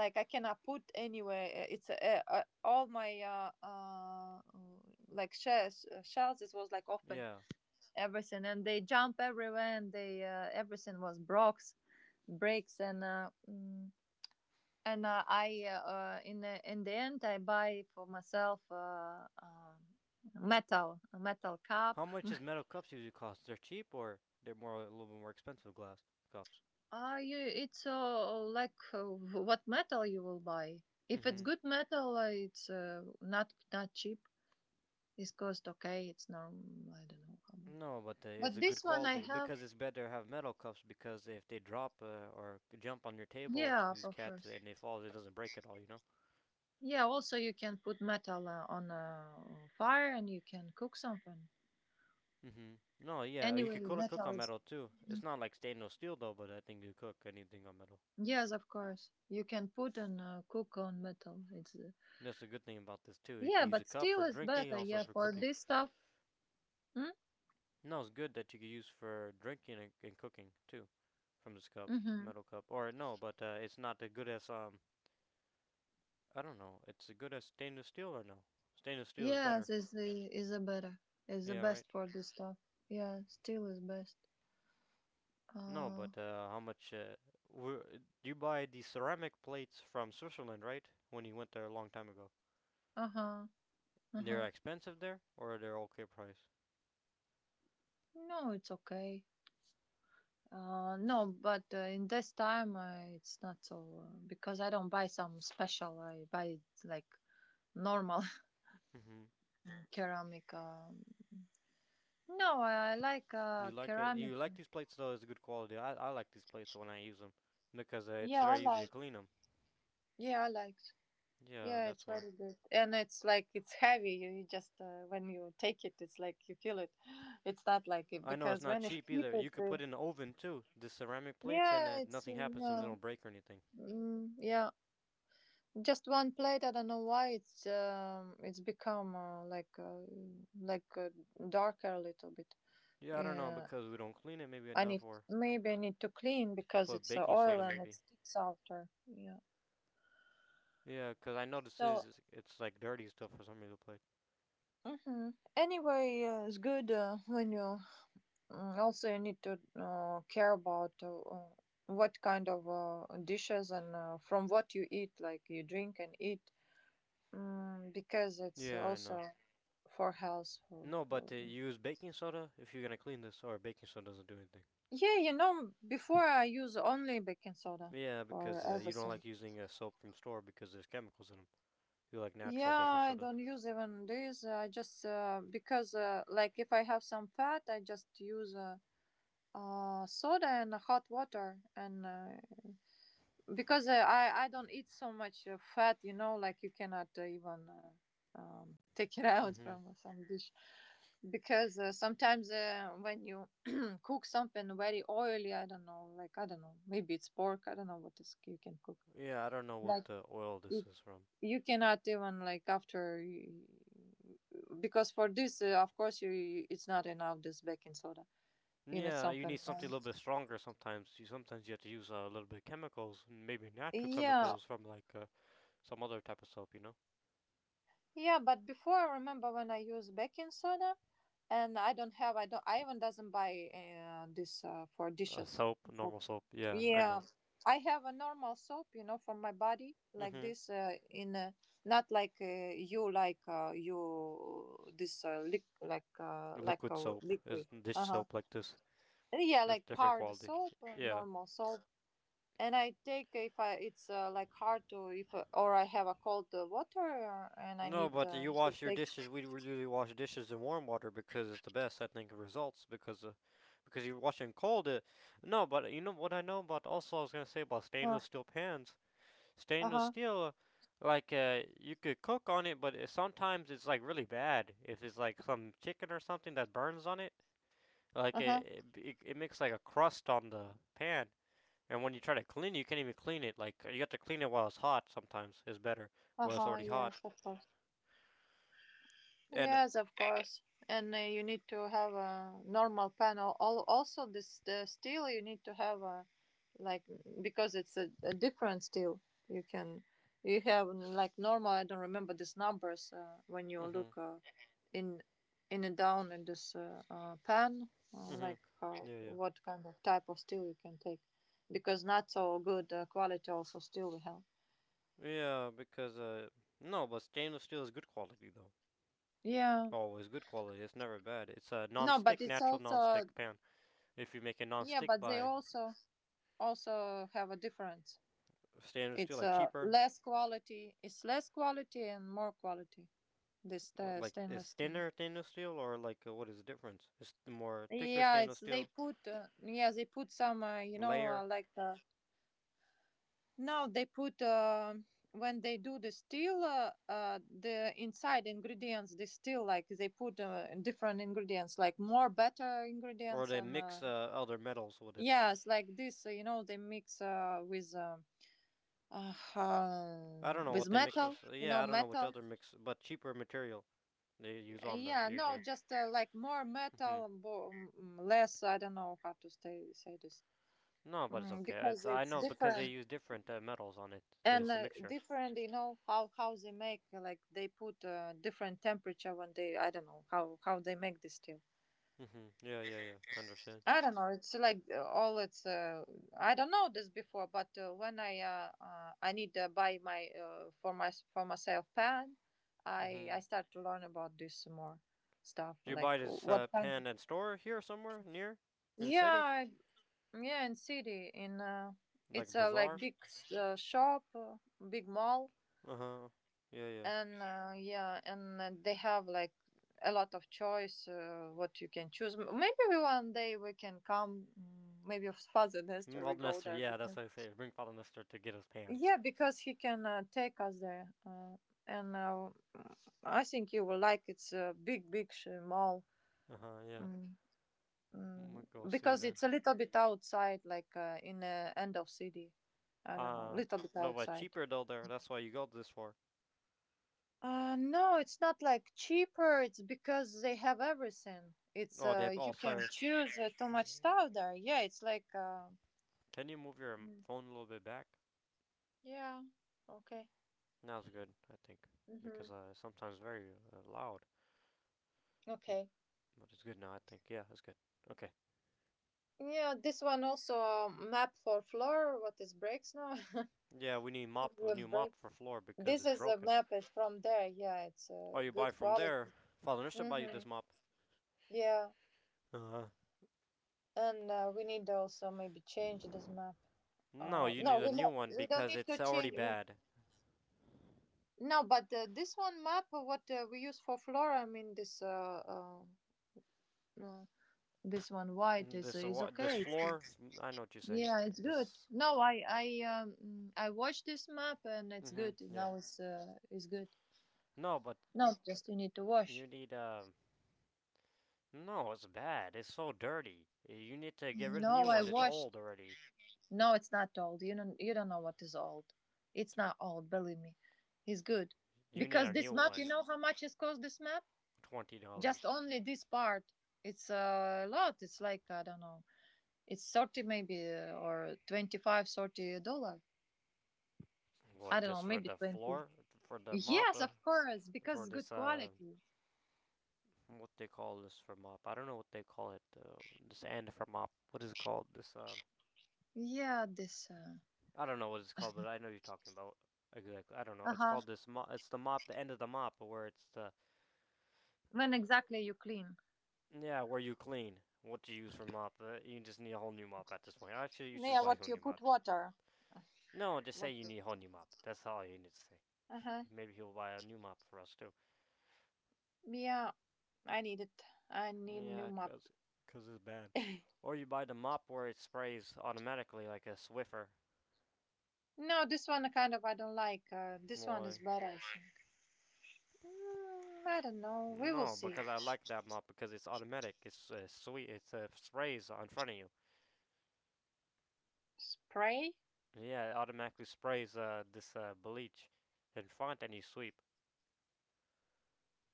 like I cannot put anywhere. It's all my like shells. It was like open
Yeah.
everything, and they jump everywhere, and they everything was breaks, and mm, and I in the end I buy for myself metal a metal
How
cup.
much does metal cups usually cost? They're cheap, or they're more a little bit more expensive glass cups.
Ah, you it's like what metal you will buy. If it's
Hmm.
good metal, it's not not cheap. It's cost okay. It's normal. I don't know how much.
No, but it's
But
a good
this one I
quality
have.
because it's better to have metal cups because if they drop or jump on your table,
Yeah,
these
of
cats,
course.
and they fall, it doesn't break at all. You know.
Yeah, also you can put metal on a fire and you can cook something.
Hmm. No, yeah, you
Anyway,
could cook
metal
on
is.
metal too. It's not like stainless steel though, but I think you cook anything on metal.
Yes, of course. You can put and cook on metal. It's
And that's the good thing about this too. You
yeah,
can use
but
a cup
steel
for
is
drinking,
better.
also
Yeah,
for
for
cooking.
this stuff. Mm?
No, it's good that you can use for drinking and cooking too, from this cup,
Mm-hmm.
metal cup. Or no, but it's not as good as I don't know. It's as good as stainless steel, or no? Stainless steel is
Yes,
better.
is the better. Is the
Yeah,
best
right.
for this stuff. Yeah, steel is best.
No,
Uh.
but how much? Were, you buy the ceramic plates from Switzerland, right? When you went there a long time ago.
Uh-huh.
They're
Uh-huh.
expensive there, or they're okay price.
No, it's okay. No, but in this time it's not so because I don't buy some special. I buy like normal,
Hmm.
ceramic. No, I like
You like it?
ceramic.
You like these plates though? It's good quality. I like these plates when I use them because it's
Yeah, I
very easy to
like.
clean them.
Yeah, I liked.
Yeah,
Yeah, it's
that's why.
very good, and it's like it's heavy. You just when you take it, it's like you feel it. It's not like it,
I know it's
because
not
when it's
cheap
cheap,
either.
it
You could put in the oven too, the ceramic plates, and
yeah, it's
nothing happens to them. They
yeah,
don't break or anything.
yeah. Just one plate. I don't know why it's become like uh, darker a little bit.
Yeah, I don't know
Yeah,
because we don't clean it maybe
I
enough,
need
or
maybe I need to clean because
put
it's
baking
oil
soda
and it
maybe.
sticks after. Yeah.
Yeah, cause I know this
So,
it's like dirty stuff for some reason plate.
hmm anyway, it's good when you. Also, you need to care about what kind of dishes and from what you eat, like you drink and eat, because it's
Yeah, I know.
also for health.
No, but
For
use baking soda if you're gonna clean this, or baking soda doesn't do anything.
yeah, you know, before I use only baking soda
Yeah,
for
because you don't
everything.
like using soap from store because there's chemicals in them. You like natural baking
Yeah, I
soda.
don't use even this. I just because like if I have some fat, I just use soda and hot water, and because I don't eat so much fat, you know, like you cannot even take it out
Hmm.
from some dish. Because sometimes when you cook something very oily, I don't know, like I don't know, maybe it's pork. I don't know what is you can cook.
Yeah, I don't know what
Like
oil this
it,
is from.
you cannot even like after, you, because for this, of course, you- it's not enough this baking soda. You need
Yeah, you need
something.
something a little bit stronger sometimes. You Sometimes you have to use a little bit of chemicals, maybe natural
Yeah,
chemicals from like some other type of soap?
yeah. But before, I remember when I used baking soda and I don't have. I don't. Ivan doesn't buy this for dishes.
Soap,
For,
normal soap. Yeah, I
yeah,
know.
I have a normal soap, you know, for my body like
Hmm.
this. In a, not like you this liq like
Liquid
a
soap
liquid.
is dish
Uh huh.
soap like this.
Yeah,
It's
like
different
hard
quality.
soap,
Yeah.
normal soap. And I take if I it's like hard to if or I have a cold water and I
No,
need
but you
to
wash your
take.
dishes. We usually wash dishes in warm water because it's the best, I think, results because because you wash in cold. No, but you know what I know about. Also, I was gonna say about
Uh
stainless
huh.
steel pans. Stainless
Uh
steel, like you could cook on it, but sometimes it's like really bad if it's like some chicken or something that burns on it. Like
huh.
it makes like a crust on the pan. And when you try to clean it, you can't even clean it. Like you have to clean it while it's hot. Sometimes it's better
Uh
while it's
huh.
already hot.
Yes, of course.
And.
Yes, of course. And you need to have a normal panel. Al- Also, this the steel you need to have a like because it's a different steel. You can you have like normal. I don't remember these numbers when you
Hmm.
look in and down in this pan.
Mm-hmm.
Like how
Yeah, yeah.
what kind of type of steel you can take, because not so good quality also steel we have.
Yeah, because no, but stainless steel is good quality though.
Yeah.
Always good quality. It's never bad. It's a
No, but
non-stick,
it's
natural
also
non-stick pan. If you make a
yeah,
non-stick
but they
by
also also have a difference.
stainless steel,
It's
like cheaper,
less quality. It's less quality and more quality. This
like it's
stainless steel.
thinner stainless steel, or like what is the difference? It's the more thicker
Yeah, it's
stainless
they
steel
put. Yeah, they put some. You know,
layer,
no, they put when they do the steel. The inside ingredients, the steel, like they put different ingredients, like more better
or
ingredients,
they
and
mix other metals with it.
yes, like this. You know, they mix with. Uh,
I
uh,
don't know what
with
they mix
metal,
with.
you
Yeah,
know,
I don't know which
metal.
other mix, but cheaper material they use on there
Yeah, no,
usually.
just like more
Hmm.
metal and less. I don't know how to say this
No, but it's okay. It's
because
I
it's
know because they
different
use different metals on it.
and
It's a mixture.
different. You know how they make like they put different temperature when they I don't know how they make this steel.
Mhm. Yeah, yeah, yeah. I understand.
I don't know. It's like all it's. I don't know this before, but when I need to buy my for my for myself pan, I
Mhm.
start to learn about this more stuff,
Do you
like
buy this
what kind of.
pen at store here somewhere near in city,
Yeah. Yeah, in city, in
like a
it's a like
bazaar?
big shop, big mall,
Uh huh. Yeah, yeah.
and yeah, and they have like a lot of choice what you can choose. M- Maybe we- one day we can come. Maybe with Father
Mm,
Nestor we
Father
go
Nestor.
there,
Yeah, that's
because
what I say. Bring Father Nestor to get his pants.
yeah, because he can take us there, and I think you will like it's a big, mall.
Uh huh. Yeah.
Mm. Mm,
We'll go see
because
then.
it's a little bit outside, like in the end of city. I don't know,
Uh
little bit
no, but it's
outside.
cheaper though there. That's why you got this for.
No, it's not like cheaper. It's because they have everything. It's
Oh, they have
you
all
can
sizes.
choose too much stuff there. Yeah, it's like
Can you move your phone a little bit back?
yeah, okay,
That was good, I think,
mm-hmm.
because it's sometimes very loud.
Okay.
But it's good now, I think. Yeah, it's good. Okay.
Yeah, this one also a map for floor. What is breaks now?
Yeah, we need mop a
Yeah,
new
break.
mop for floor because
This
it's
is a
broken.
map. It's from there. Yeah, it's
Oh, you buy
good
from
quality.
there? Father Nestor buy you
Mm-hmm.
this mop?
Yeah.
Uh huh.
And we need also maybe change this map.
No, you
No,
need a new one
we don't
because
need to
it's already
change. We,
bad.
no, but this one map, what we use for flora, I mean this uh, this one white
Mm, This
is
uh, this
okay.
floor?
It's,
I know what you're saying.
yeah, it's good.
This.
No, I watched this map, and it's
Mhm.
good.
Yeah.
Now it's good.
No, but
No, just you need to
you
wash.
need. No, it's bad. It's so dirty. You need to get rid of a
No,
new
I
one. It's
washed.
old already.
No, it's not old. You don't know what is old. It's not old, believe me. It's good.
You need a
Because this
new
map, you
one.
know how much it's cost this map?
$20.
Just only this part. It's a lot. It's like I don't know. It's 30, maybe or 25, dollar. I
What,
don't know,
just for
maybe
the
20.
floor? For the mop?
Yes, of course, because
For
it's good
this,
quality.
what they call this for mop? I don't know what they call it. This end for mop. What is it called?
Yeah, this
I don't know what it's called, but I know you're talking about. Exactly. I don't know. It's
uh-huh.
called this mop. It's the mop, the end of the mop, where it's the,
When exactly you clean?
yeah, where you clean. What do you use for mop? You just need a whole new mop at this point. Actually, you should just
Yeah,
buy a whole
what you
new mop.
put water.
No, just say
What.
you need a whole new mop. That's all you need to say.
Uh huh.
Maybe he'll buy a new mop for us too.
Yeah, I need it. I need new
Yeah,
map.
cause, cause it's bad. Or you buy the mop where it sprays automatically like a Swiffer.
No, this one kind of I don't like. This one is
Why?
better, I think. I don't know. We will
No,
see.
because I like that mop because it's automatic. It's sweet. It sprays in front of you.
Spray?
Yeah, it automatically sprays this bleach in front and you sweep.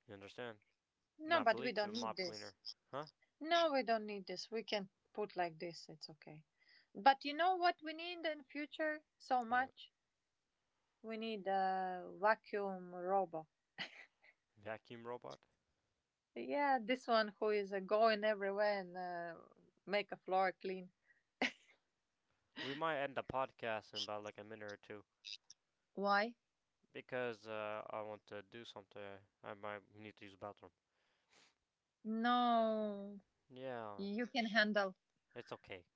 You understand?
No,
Not
but we
bleach,
don't
a
need
mop
this.
cleaner. Huh?
No, we don't need this. We can put like this. It's okay. But you know what we need in future so
What?
much? We need a vacuum robot.
Vacuum robot?
Yeah, this one who is going everywhere and make a floor clean.
We might end the podcast in about like a minute or two
Why?
because I want to do something. I might need to use the bathroom.
No,
Yeah,
you can handle.
it's okay.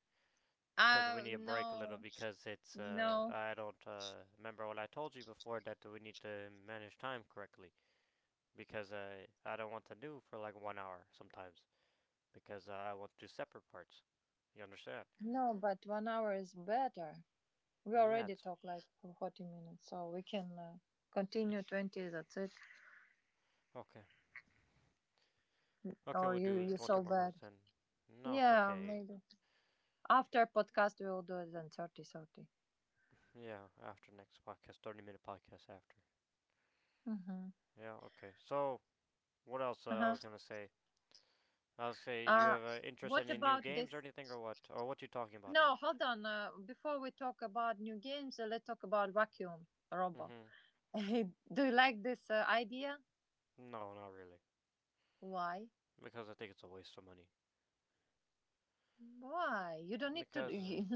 Because we need a break a little
No,
because it's uh,
no.
I don't uh, remember what I told you before that we need to manage time correctly because I don't want to do for like 1 hour sometimes because I want to do separate parts. You understand?
No, but 1 hour is better. We
Yeah,
already
it's
talked like for 40 minutes, so we can continue 20, that's it.
okay. Okay,
Or
we'll do
you
20
so
more
bad.
minutes then. No, it's
Yeah,
okay.
maybe. After podcast, we will do it then 30 30.
Yeah, after next podcast, 30-minute podcast after.
30. Mm-hmm.
Yeah, okay. So, what else I
Uh-huh.
was gonna say? I was gonna say you
Uh,
have an interest
what
in any new
about
games or
this?
anything or what? Or what you talking about
No,
now?
hold on. Before we talk about new games, let's talk about Vacuum Robo.
Mm-hmm.
Do you like this idea?
No, not really.
Why?
Because I think it's a waste of money.
Why? You don't need to.
Because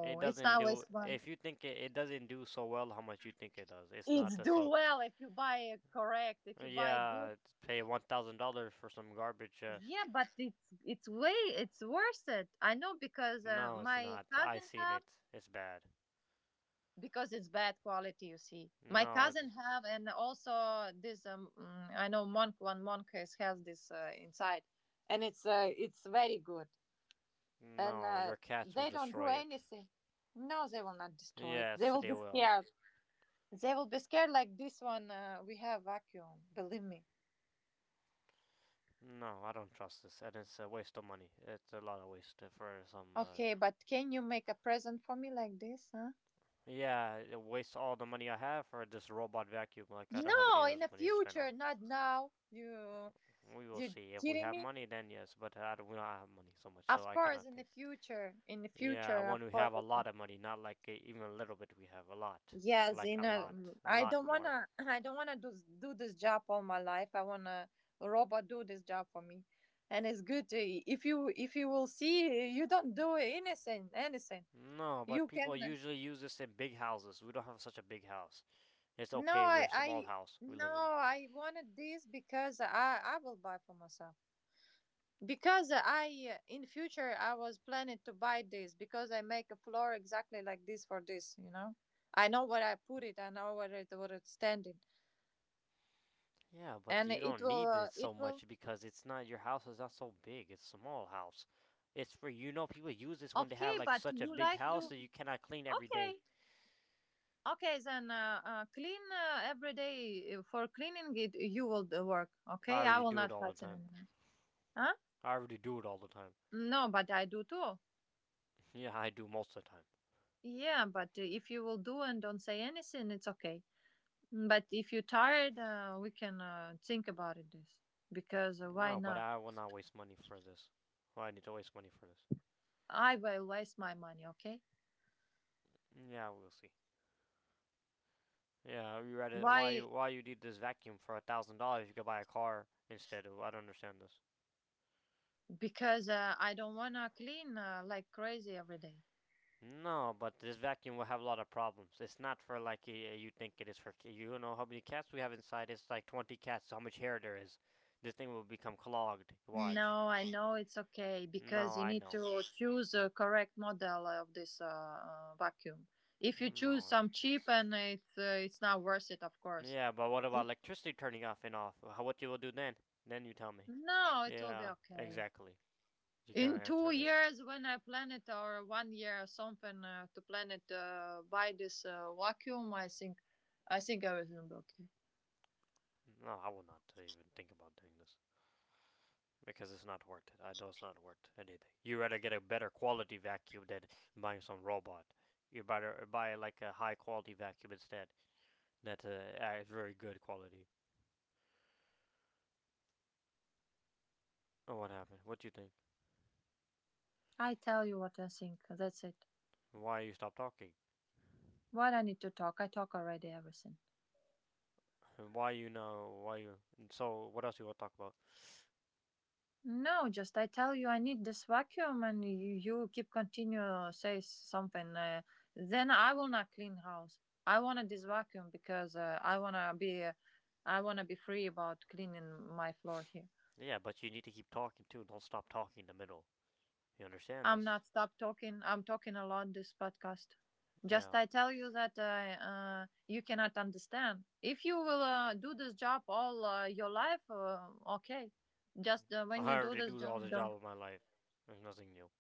it
it's
doesn't
not
do.
waste one.
If you think it, it doesn't do so well, how much you think it does? It's not
It's
that
do
so.
well if you buy it correct, if you buy good.
Yeah, pay $1,000 for some garbage.
Yeah, but it's way it's worth it. I know because
No, it's
my
not. I
cousin
seen
have
it. It's bad.
because it's bad quality. You see, my
No,
cousin
it's
have and also this I know monk one monk has this inside, and it's very good and
no. Your cats will
they don't do
destroy it.
anything. No, they will not destroy it. They
Yes,
will
they
be
will.
scared. They will be scared like this one. We have vacuum. Believe me.
No, I don't trust this, and it's a waste of money. It's a lot of waste for some.
Okay, but can you make a present for me like this, huh?
Yeah, it wastes all the money I have for this robot vacuum. Like I don't have any
No, in
other
the
money to spend on it.
future, not now. You
We will
you
see. If we
kidding
have
me?
money, then yes. But I don't, we don't have money so much, so
Of
I
course,
cannot think.
in the
Yeah,
future,
when
of
we
course.
have a
I can.
lot of money, not like even a little bit, we have a lot.
Yes,
Like
in
a lot. A
ai
lot
don't
more.
wanna, I don't wanna do this job all my life. I wanna a robot do this job for me, and it's good to, if you will see you don't do anything.
No, but
You
people
can
usually use this in big houses. We don't have such a big house. It's
no,
okay, we're
I
a small
I
house we
no,
live in.
I wanted this because I will buy for myself. Because I in future I was planning to buy this because I make a floor exactly like this for this. I know where I put it, I know where it where it's standing
Yeah, but
and
you don't need it
it
so
will
much because it's not your house is not so big. It's a small house. It's for you know people use this when they have
okay
like
but
such a
you
big
like
house
to
that you cannot clean every day.
okay okay then clean every day for cleaning it you will do work,
I
okay, I
already
will
do
not
it all the
touch it
time.
anymore. Huh?
I already do it all the time.
No but I do too.
Yeah, I do most of the time.
Yeah but if you will do and don't say anything it's okay. But if you're tired, we can think about it this because why
No, but
not?
I will not waste money for this. Well, I need to waste money for this.
I will waste my money, okay?
Yeah, we'll see. Yeah, you read it. Why
Why?
you why you need this vacuum for $1,000? You could buy a car instead. Of I don't understand this.
Because I don't wanna clean like crazy every day.
No, but this vacuum will have a lot of problems. It's not for like you think it is for. You know how many cats we have inside? It's like 20 cats. How much hair there is? This thing will become clogged. Watch.
No, I know it's okay because
No,
you
I
need
know.
to choose a correct model of this vacuum. If you choose
No,
some cheap
that's.
and it's not worth it, of course.
Yeah, but what about electricity turning off and off? What you will do then? Then you tell me.
No, it will be
Yeah,
okay.
exactly. You can
In two
answer this.
years, when I plan it, or 1 year or something, to plan it by this vacuum, I think everything will be okay.
No, I will not even think about doing this because it's not worth it. I know it's not worth anything. You rather get a better quality vacuum than buying some robot. You better buy like a high quality vacuum instead. That's a very good quality. Oh, what happened? What do you think?
I tell you what I think. That's it.
Why you stop talking?
What I need to talk? I talk already everything.
Why you know? Why you? So what else you want to talk about?
No, just I tell you I need this vacuum, and you keep continue say something. Then I will not clean house. I wanted this vacuum because I wanna be free about cleaning my floor here.
Yeah, but you need to keep talking too. Don't stop talking in the middle. You understand
I'm
this?
not stop talking. I'm talking a lot this podcast. Just
Yeah.
I tell you that you cannot understand. If you will do this job all your life, okay. Just when
I
you do
already
this
do all
job,
the job
don't.
of my life. There's nothing new.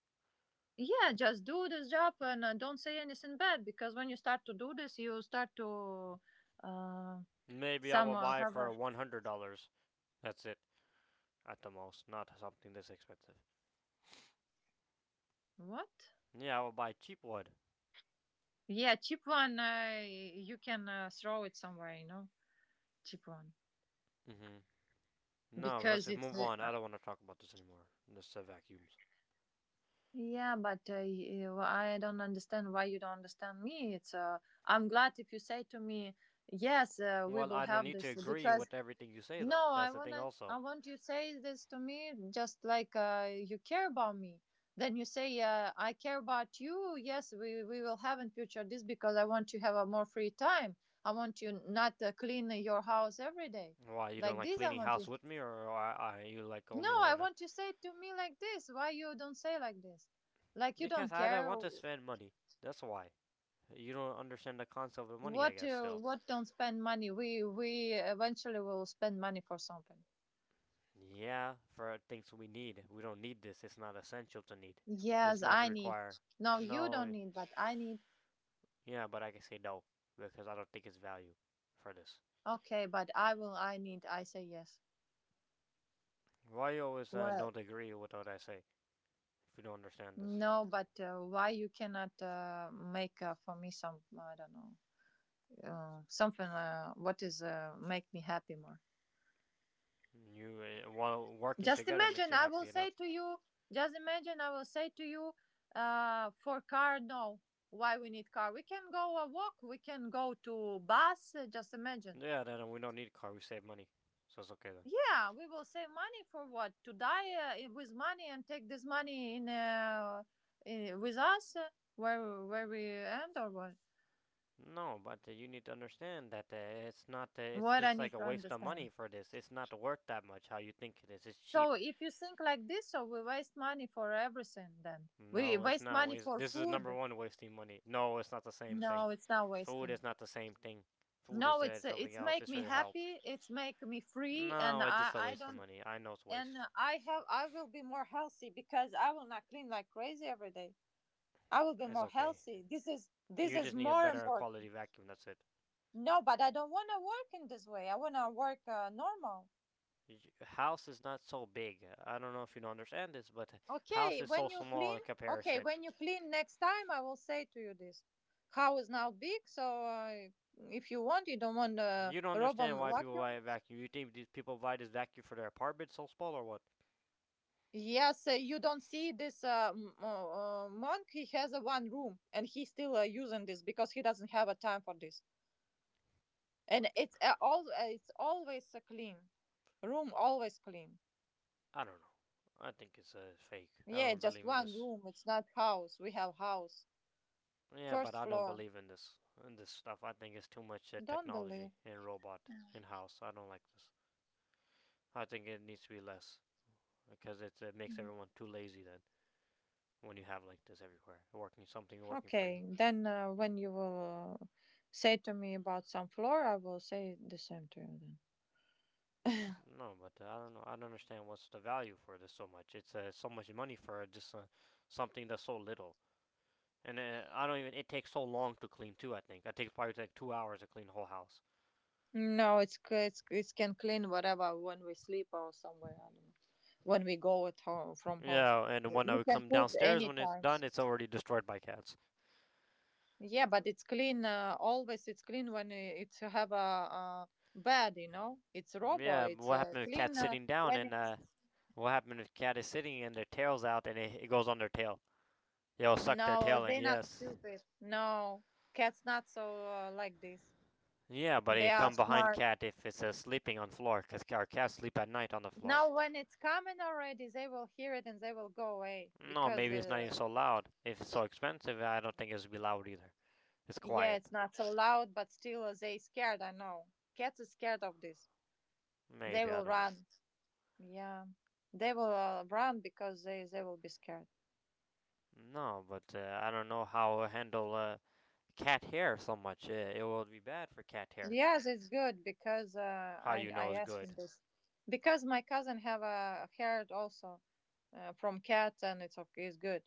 Yeah, just do this job and don't say anything bad because when you start to do this, you start to uh,
Maybe I will
some
buy
have
for
a
$100. That's it, at the most. Not something this expensive.
what?
Yeah, I will buy cheap wood.
Yeah, cheap one. You can throw it somewhere, you know, cheap one
Mm-hmm. No, let's
because
just
it's
move on. I don't want to talk about this anymore. This vacuums.
yeah, but you, I don't understand why you don't understand me. It's I'm glad if you say to me, yes, we
Well,
will
I don't
have
need to
this
agree
because
with everything you say, though.
no,
That's the thing,
I
also.
want you say this to me just like you care about me. Then you say, I care about you. Yes, we will have in future this because I want to have a more free time. I want you not clean your house every day,
Why you don't
like
like
this. I
cleaning
want you.
house with me, or are you like
No,
only
I
wanna?
want you say to me like this. Why you don't say like this? Like you
Because
don't
I don't
care.
want to spend money. That's why. You don't understand the concept of money, I guess. Still.
What don't spend money? We eventually will spend money for something.
Yeah, for things we need. We don't need this. It's not essential to need. It's
Yes,
not
I need.
require.
No, you don't
No,
need, but I need.
yeah, but I can say no because I don't think it's value for this.
Okay, but I will. I need. I say yes.
Why you always
Well,
don't agree with what I say if you don't understand this?
no, but why you cannot make for me some? I don't know. Something. What is make me happy more?
You while working
Just
together makes
imagine,
you
I will
happy enough.
say to you, just imagine, I will say to you, for car, no. Why we need car? We can go a walk, we can go to bus, just imagine.
Yeah, then we don't need a car. We save money, so it's okay then.
Yeah, we will save money for what? To die with money and take this money in, I with us where we end or what?
No, but you need to understand that it's not. It's
What I
just like
need
a
to
waste of money
understand.
for this. It's not worth that much. How you think it is? It's cheap.
So if you think like this, so we waste money for everything. Then we
No, it's
waste
not
money
waste.
for
This is number
food.
one wasting money. No, it's not the same thing.
No, it's not
Food is
wasting.
not the same thing. Food is
No,
something
it's
else.
make
It's for
me
your health.
happy. It's make me free, and
No, it's
I
just a
I
waste of
don't
money. I know it's
and
waste.
I have I will be more healthy because I will not clean like crazy every day. I will be
It's
more
okay.
healthy. This is this
You
is
just need a
more
better
important.
quality vacuum. That's it.
No, but I don't want to work in this way. I want to work normal.
House is not so big. I don't know if you don't understand this, but house
Okay,
is so
when you
small
clean,
in
okay,
comparison.
when you clean next time, I will say to you this. House now big, so if you want, you don't want a
You don't
robot
understand why people buy
vacuum.
a vacuum. You think these people buy this vacuum for their apartment so small or what?
Yes, you don't see this monk. He has a one room, and he's still using this because he doesn't have a time for this. And it's all it's always clean, room always clean.
I don't know. I think it's fake. I
Yeah,
don't
just
believe in
one
this.
room. It's not house. We have house
Yeah, but
first
I don't
floor.
believe in this stuff. I think it's too much
Don't
technology
believe.
and robot in house. I don't like this. I think it needs to be less because it makes everyone too lazy. Then when you have like this everywhere, working something working for
Okay,
you.
then when you will say to me about some floor, I will say the same to you then.
No, but I don't know. I don't understand what's the value for this so much. It's so much money for just something that's so little. And I don't even. It takes so long to clean too. I think it takes probably like 2 hours to clean the whole house.
No, it's it can clean whatever when we sleep or somewhere. I don't know. When we go at home from home,
Yeah, and when I
you
would
can
come
put
downstairs,
any
when it's
time.
done, it's already destroyed by cats.
Yeah, but it's clean. Always it's clean when it's have a bed. You know, it's robot.
Yeah,
It's
what happened if
clean
cat's sitting down
when
and
it's
what happened if cat is sitting and their tail's out and it goes on their tail? It'll suck their
no.
tail in,
They're not
yes.
stupid. No, cats not so like this.
Yeah, but
They
it
are
come behind
smart.
cat if it's sleeping on floor, because our cats sleep at night on the floor.
Now when it's coming already, they will hear it and they will go away
No,
because
maybe it's not even so loud. If it's so expensive, I don't think it would be loud either. It's
yeah,
quiet.
it's not so loud, but still they scared. I know cats are scared of this. They
Maybe, I
will
don't know.
run. Yeah, they will run because they will be scared.
No, but I don't know how it handle cat hair so much. It will be bad for cat hair.
Yes, it's good because uh,
How
I
you
I
know is
asked him
good.
this because my cousin have a herd also from cat and it's okay. It's good.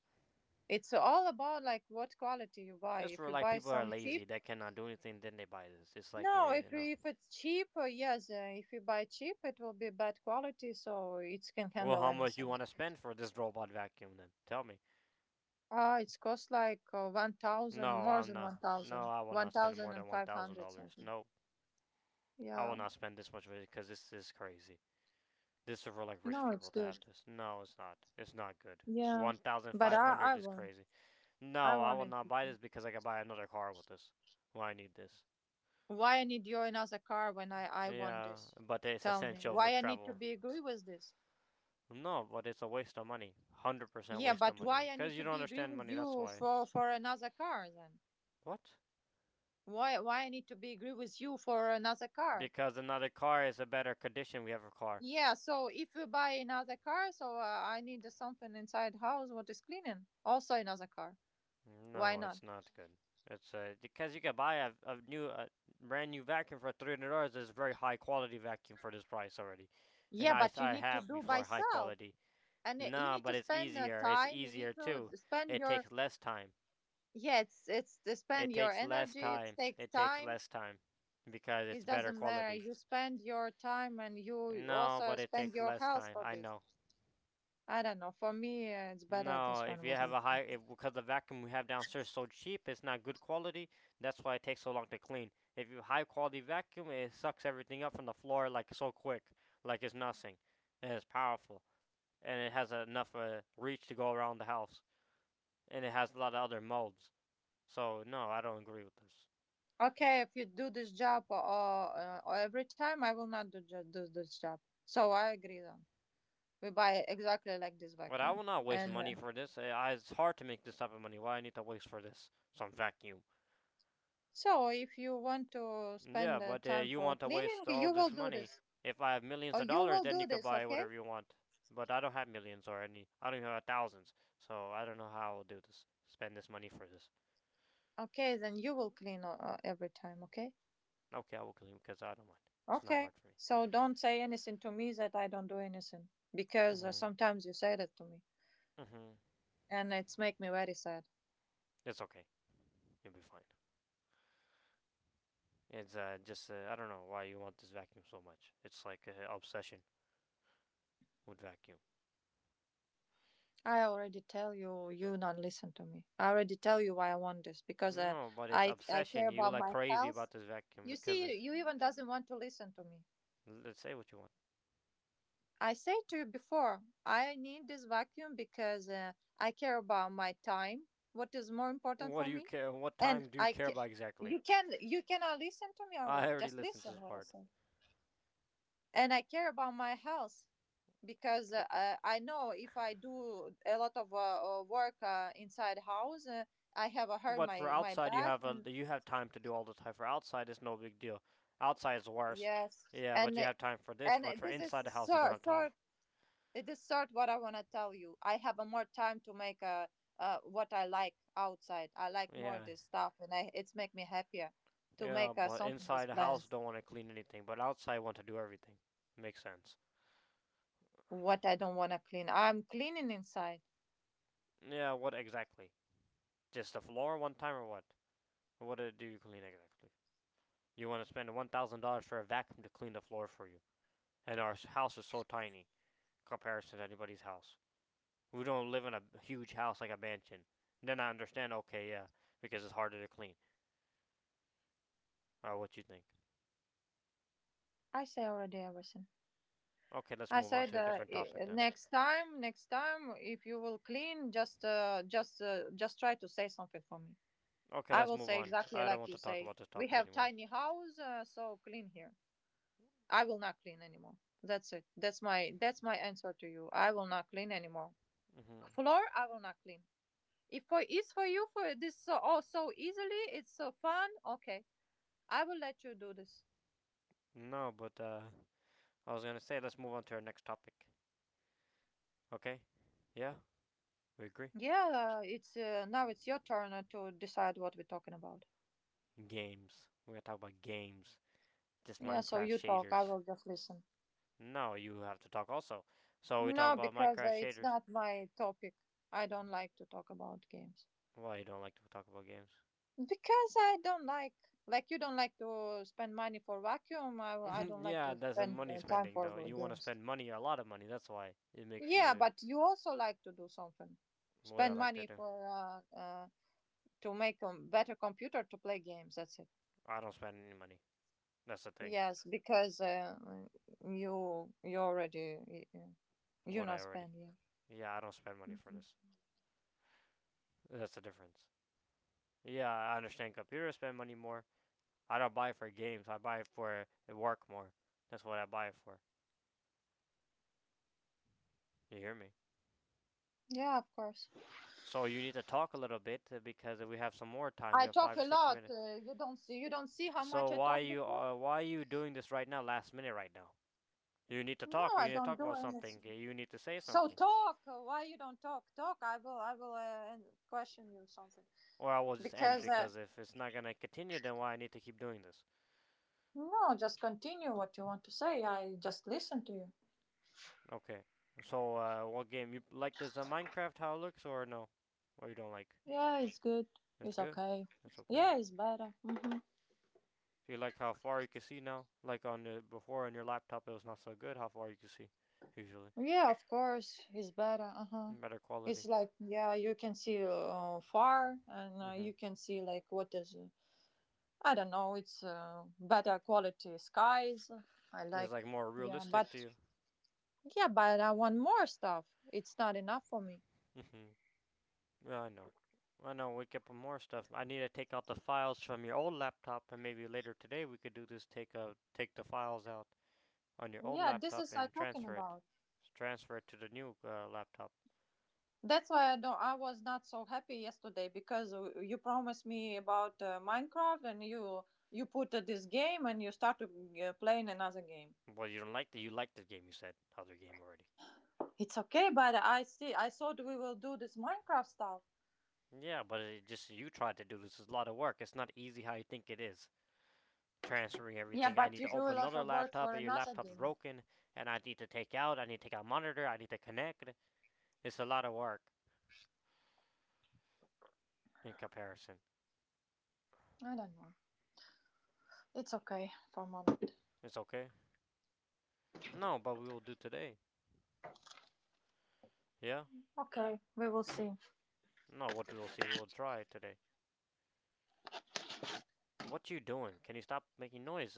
It's all about like what quality you buy.
That's
If
for
you
like
buy
people that are
some cheap,
lazy that cannot do anything. Then they buy this. It's like
no.
you
If you-
know.
if it's cheap, yes. If you buy cheap, it will be bad quality, so it can
Well,
handle
how much you
anything.
want to spend for this robot vacuum? Then tell me.
It's cost like 1,000,
No,
more
I'm
than
not.
one
No,
thousand,
I will
one
not spend more
thousand and
than one
five
thousand
hundred
dollars.
something.
No, I will
Yeah.
not spend this much money because this is crazy. This is for like rich
No, it's
people to have
good.
this. No, it's not. It's not good.
Yeah.
One thousand
But
five hundred dollars is crazy.
I
No, I
want not
will
in
not buy
future.
this because I can buy another car with this. Well, I need this.
Why I need your another car when I want
Yeah,
this?
but it's
Tell me.
essential for
Why I need to
travel.
be agree with this?
No, but it's a waste of money. 100%
Yeah,
waste of
but
money.
why I need
Because you
to
don't
be agree
understand
with
money, that's
you
why.
for another car then?
What?
Why I need to be agree with you for another car?
Because another car is a better condition we have a car.
Yeah, so if you buy another car, so I need something inside house what is cleaning, also another car. Why
No,
not?
it's not good. It's because you can buy a new, a brand new vacuum for $300. It's very high quality vacuum for this price already. And
Yeah,
I,
but you
I
need to
have
do by
before high
self,
quality.
and you
No,
need to
but it's
spend
easier. It's
time. You need
easier
to
too.
d- spend
It
your
takes less time.
yeah. It's to spend
It
your
takes less
energy. It
time.
takes
It takes
time.
less time. Because
It
it's better
doesn't matter.
quality.
You spend your time, and you
No,
also
but it
spend
takes
your
less
health
time.
for
I
this.
know.
I don't know. For me, it's better
No,
this
if
one.
you
What I
have a high,
think.
if because the vacuum we have downstairs is so cheap, it's not good quality. That's why it takes so long to clean. If you have high quality vacuum, it sucks everything up from the floor like so quick, like it's nothing, and it's powerful, and it has enough reach to go around the house, and it has a lot of other modes. So no, I don't agree with this.
Okay, if you do this job every time, I will not do, do this job. So I agree. Then we buy exactly like this
But I
vacuum,
will not waste
and
money for this. It's hard to make this type of money. Why I need to waste for this some vacuum?
so, if you want to
Yeah,
spend
but
time
you
for
want to
cleaning,
waste all
you will
this
do
money.
this.
If I have millions
Or
of
you
dollars,
will
then you
do
could
this,
buy
okay?
whatever you want. But I don't have millions or any. I don't even have thousands. So I don't know how I'll do this. Spend this money for this.
Okay, then you will clean every time, okay?
Okay, I will clean because I don't mind. It's not
Okay.
hard for me.
So, don't say anything to me that I don't do anything because
Mm-hmm.
sometimes you say that to me
Mm-hmm.
and it's make me very sad.
It's okay. You'll be fine. It's just I don't know why you want this vacuum so much. It's like obsession with vacuum.
I already tell you you not listen to me. I already tell you why I want this because uh,
No, but it's
I I
obsession.
care
You
about
like
my
crazy about
health.
this vacuum
You
because
see,
it's.
you even doesn't want to listen to me.
Let's say what you want.
I said to you before, I need this vacuum because I care about my time. What is more important
What
for
do you
me?
care? What
And
time do you
I
care
ca-
about exactly?
you can you cannot listen to me or
I
what?
already
Just
listened to this
listen what I
part.
say. And I care about my health because I know if I do a lot of work inside house, I have hurt
But for
my
outside, you
back
have a
and
you have time to do all the time. For outside, it's no big deal. Outside is worse.
yes,
Yeah,
and
but you
uh,
have time for this.
and
But for
this is
inside the house, you don't have time.
it is sort what I want to tell you. I have a more time to make a what I like outside. I like more
Yeah,
this stuff, and I, it's make me happier to
yeah.
make
But
something
inside
with
the house,
plants.
don't want to clean anything. But outside, want to do everything. Makes sense.
What I don't want to clean, I'm cleaning inside.
Yeah. What exactly? Just the floor one time or what? What do you clean exactly? You want to spend $1,000 for a vacuum to clean the floor for you, and our house is so tiny comparison to anybody's house. We don't live in a huge house like a mansion. Then I understand, okay, yeah, because it's harder to clean. Or what you think.
I say already everything.
Okay, let's
I
move on
said
to a different topic then.
next time, if you will clean, just try to say something for me.
Okay,
I
let's
will
move
say
on.
exactly
I don't
like
want
you
to talk
say.
about this
We
topic
have
anymore.
tiny house, so clean here. I will not clean anymore. That's it. That's my answer to you. I will not clean anymore.
Hmm.
Floor, I will not clean. If for it's for you for this so oh so easily, it's so fun. Okay, I will let you do this.
No, but I was gonna say let's move on to our next topic. Okay? Yeah, we agree.
Yeah, it's now it's your turn to decide what we're talking about.
Games. We're gonna talk about games. Just
Yeah, so
Minecraft
you talk. I
shaders.
will just listen.
No, you have to talk also. So we're talking
No,
about
because
Minecraft
it's
shaders.
not my topic. I don't like to talk about games.
Why you don't like to talk about games?
Because I don't like you don't like to spend money for vacuum. I don't like
Yeah,
to
that's a
spend
money
time
spending
for
though. You want to
games.
spend money, a lot of money. That's why it makes
Yeah,
you
but you also like to do something,
what I
spend
like to
money
do.
for to make a better computer to play games. That's it.
I don't spend any money. That's the thing.
Yes, because you you already you, you
What I
not
already.
spend. Yeah,
Yeah, I don't spend money for this. That's the difference. Yeah, I understand computers spend money more. I don't buy for games. I buy for work more. That's what I buy it for. You hear me?
yeah, of course.
So you need to talk a little bit because we have some more time. We
I
have
talk a
five, six
lot.
minutes.
You don't see how
So
much I talk before.
why you doing this right now, last minute right now? You need to
No,
talk. You
I
need to
don't
talk
do
about something.
anything.
You need to say
So
something.
talk. Why you don't talk? Talk. I will. I will and question you something
Or I will just end
because
because if it's not gonna continue, then why I need to keep doing this?
no, just continue what you want to say. I just listen to you.
Okay. So, what game you like? Does Minecraft how it looks or no? Or you don't like?
Yeah, it's good.
It's
It's
good.
okay.
It's okay.
Yeah, it's better.
Do you like how far you can see now? Like on the before on your laptop, it was not so good how far you can see, usually.
Yeah, of course, it's better. Uh huh.
Better
It's
quality.
like yeah, you can see far, and
Hmm.
you can see like what is I don't know. It's better quality skies. I
It's
like
like more
yeah, but
realistic to you.
yeah, but I want more stuff. It's not enough for me.
Mhm. Yeah, I know. I know. We kept more stuff. I need to take out the files from your old laptop, and maybe later today we could do this. Take take the files out on your old
Yeah, this
laptop
is I
and
talking
transfer it.
about.
Transfer it to the new laptop.
That's why I don't. I was not so happy yesterday because you promised me about Minecraft and you put this game and you start to playing another game.
Well, you don't like the you like this game. You said other game already.
It's okay, but I see. I thought we will do this Minecraft stuff.
Yeah, but it just you tried to do this. It's a lot of work. It's not easy how you think it is. Transferring
Yeah,
everything. I
but
need
you
to
do a
open
lot
another
of work
laptop.
for
And your
another
laptop's
game.
broken, and I need to take out. I need to take out monitor. I need to connect. It's a lot of work in comparison.
I don't know. It's okay for a moment.
It's okay. No, but we will do today. Yeah.
Okay, we will see.
No, what we will see, we will try today. What you doing? Can you stop making noise?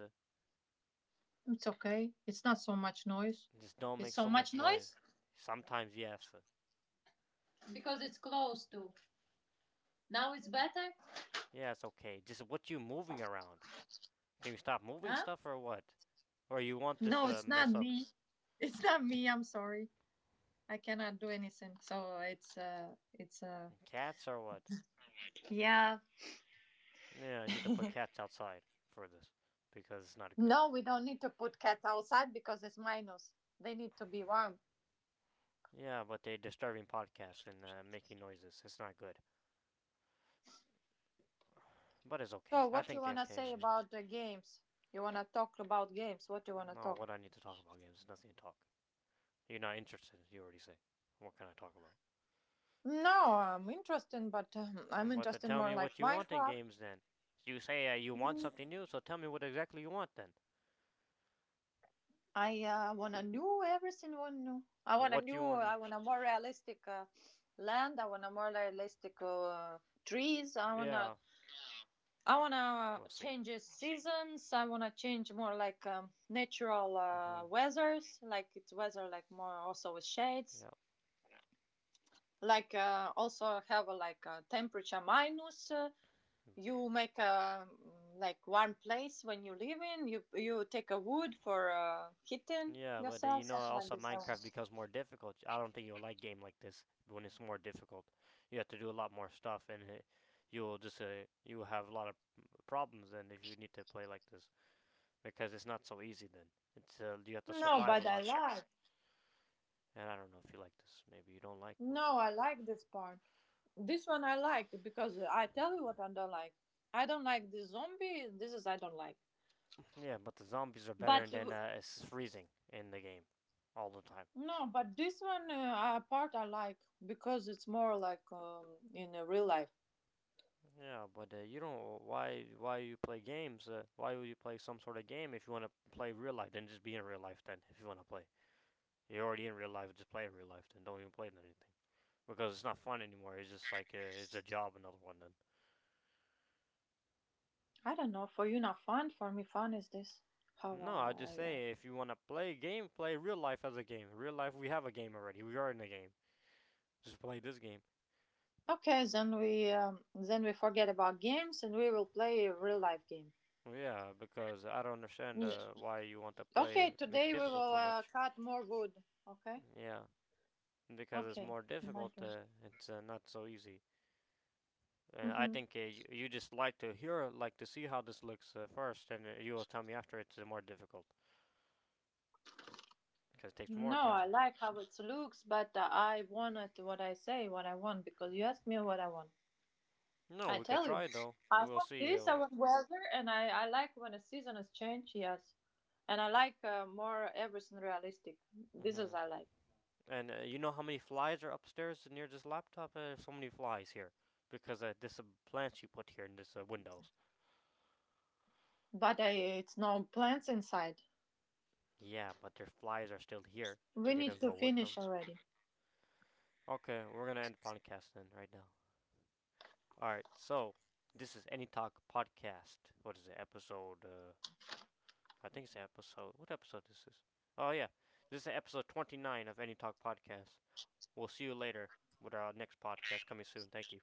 It's okay. It's not so much noise.
Just don't
It's
make
so
so
much
much noise.
noise
Sometimes, yes.
because it's close to. Now it's better,
Yes, okay. Just what you moving around? Can you stop moving
huh?
stuff or what? Or you want this
No, it's not
mess up
me. It's not me. I'm sorry. I cannot do anything. So it's
cats or what?
yeah.
Yeah, I need to put cats outside for this because it's not good.
No, we don't need to put cats outside because it's minus. They need to be warm.
Yeah, but they disturbing podcasts and making noises. It's not good, but it's
So
okay. I
what you
think they're
wanna
okay.
say
Maybe.
about the games? You wanna talk about games? What you wanna
No,
talk?
what I need to talk about games. Nothing to talk. You're not interested. You already say. What can I talk about?
No, I'm interested, but I'm
Mm. But to
interested
tell
more
me
like
what you want in
Minecraft.
games then. You say you want something new, so tell me what exactly you want then.
I wanna new everything. One new. I wanna
What
new.
you
I
want.
want a more realistic land. I want a more realistic trees.
Yeah,
I wanna
we'll see.
change the seasons. I wanna change more like natural
Hmm.
weathers, like it's weather like more also with shades.
Yeah.
Like also have a, like a temperature minus. You make a like warm place when you live in. You take a wood for heating
Yeah, but you
yourself,
know,
something like
also
this. I
Minecraft
want.
becomes more difficult. I don't think you'll like game like this when it's more difficult. You have to do a lot more stuff, and it, you'll just you will have a lot of problems then if you need to play like this because it's not so easy then. It's you have to
No,
survive a
but I
lot,
like.
and I don't know if you like this. Maybe you don't like. We'll see.
No, I like this part. This one I like because I tell you what I don't like. I don't like the zombie. This is I don't like.
Yeah, but the zombies are better
But
than it's freezing in the game all the time.
no, but this one part I like because it's more like in real life.
Yeah, but you don't. Why? Why you play games? Why would you play some sort of game if you want to play real life? Then just be in real life. Then if you want to play, you're already in real life. Just play in real life. Then don't even play anything because it's not fun anymore. It's just like it's a job. Another one. Then
I don't know. For you, not fun. For me, fun is this. How
no, I just
I am.
say if you want to play a game, play real life as a game. Real life, we have a game already. We are in a game. Just play this game.
Okay, then we forget about games and we will play a real life game.
Well, yeah, because I don't understand
Mm.
why you want to
Okay,
play make it
today we
difficult
will
so much.
cut more wood. Okay.
Yeah, because it's
Okay.
more
Like
difficult.
it.
It's not so easy. And I
Mm-hmm.
think uh, you just like to hear, like to see how this looks first, and you will tell me after it's more difficult because it takes more
No, I
time.
like how it looks, but I wanted what I say, what I want, because you asked me what I want.
No,
I
we could
tell you,
try though.
I
We'll
want
see.
this. I want weather, and I like when the season is changed. Yes, and I like more everything realistic. This
Hmm.
is I like,
And you know how many flies are upstairs near this laptop? There's so many flies here because this plants you put here in this windows.
but I, it's no plants inside.
Yeah, but their flies are still here.
We
They don't
need to
go with
finish
them.
already.
Okay, we're gonna end the podcast then right now. All right, so this is Any Talk podcast. What is it? Episode? I think it's episode. What episode is this? Oh yeah, this is episode 29 of Any Talk podcast. We'll see you later with our next podcast coming soon. Thank you.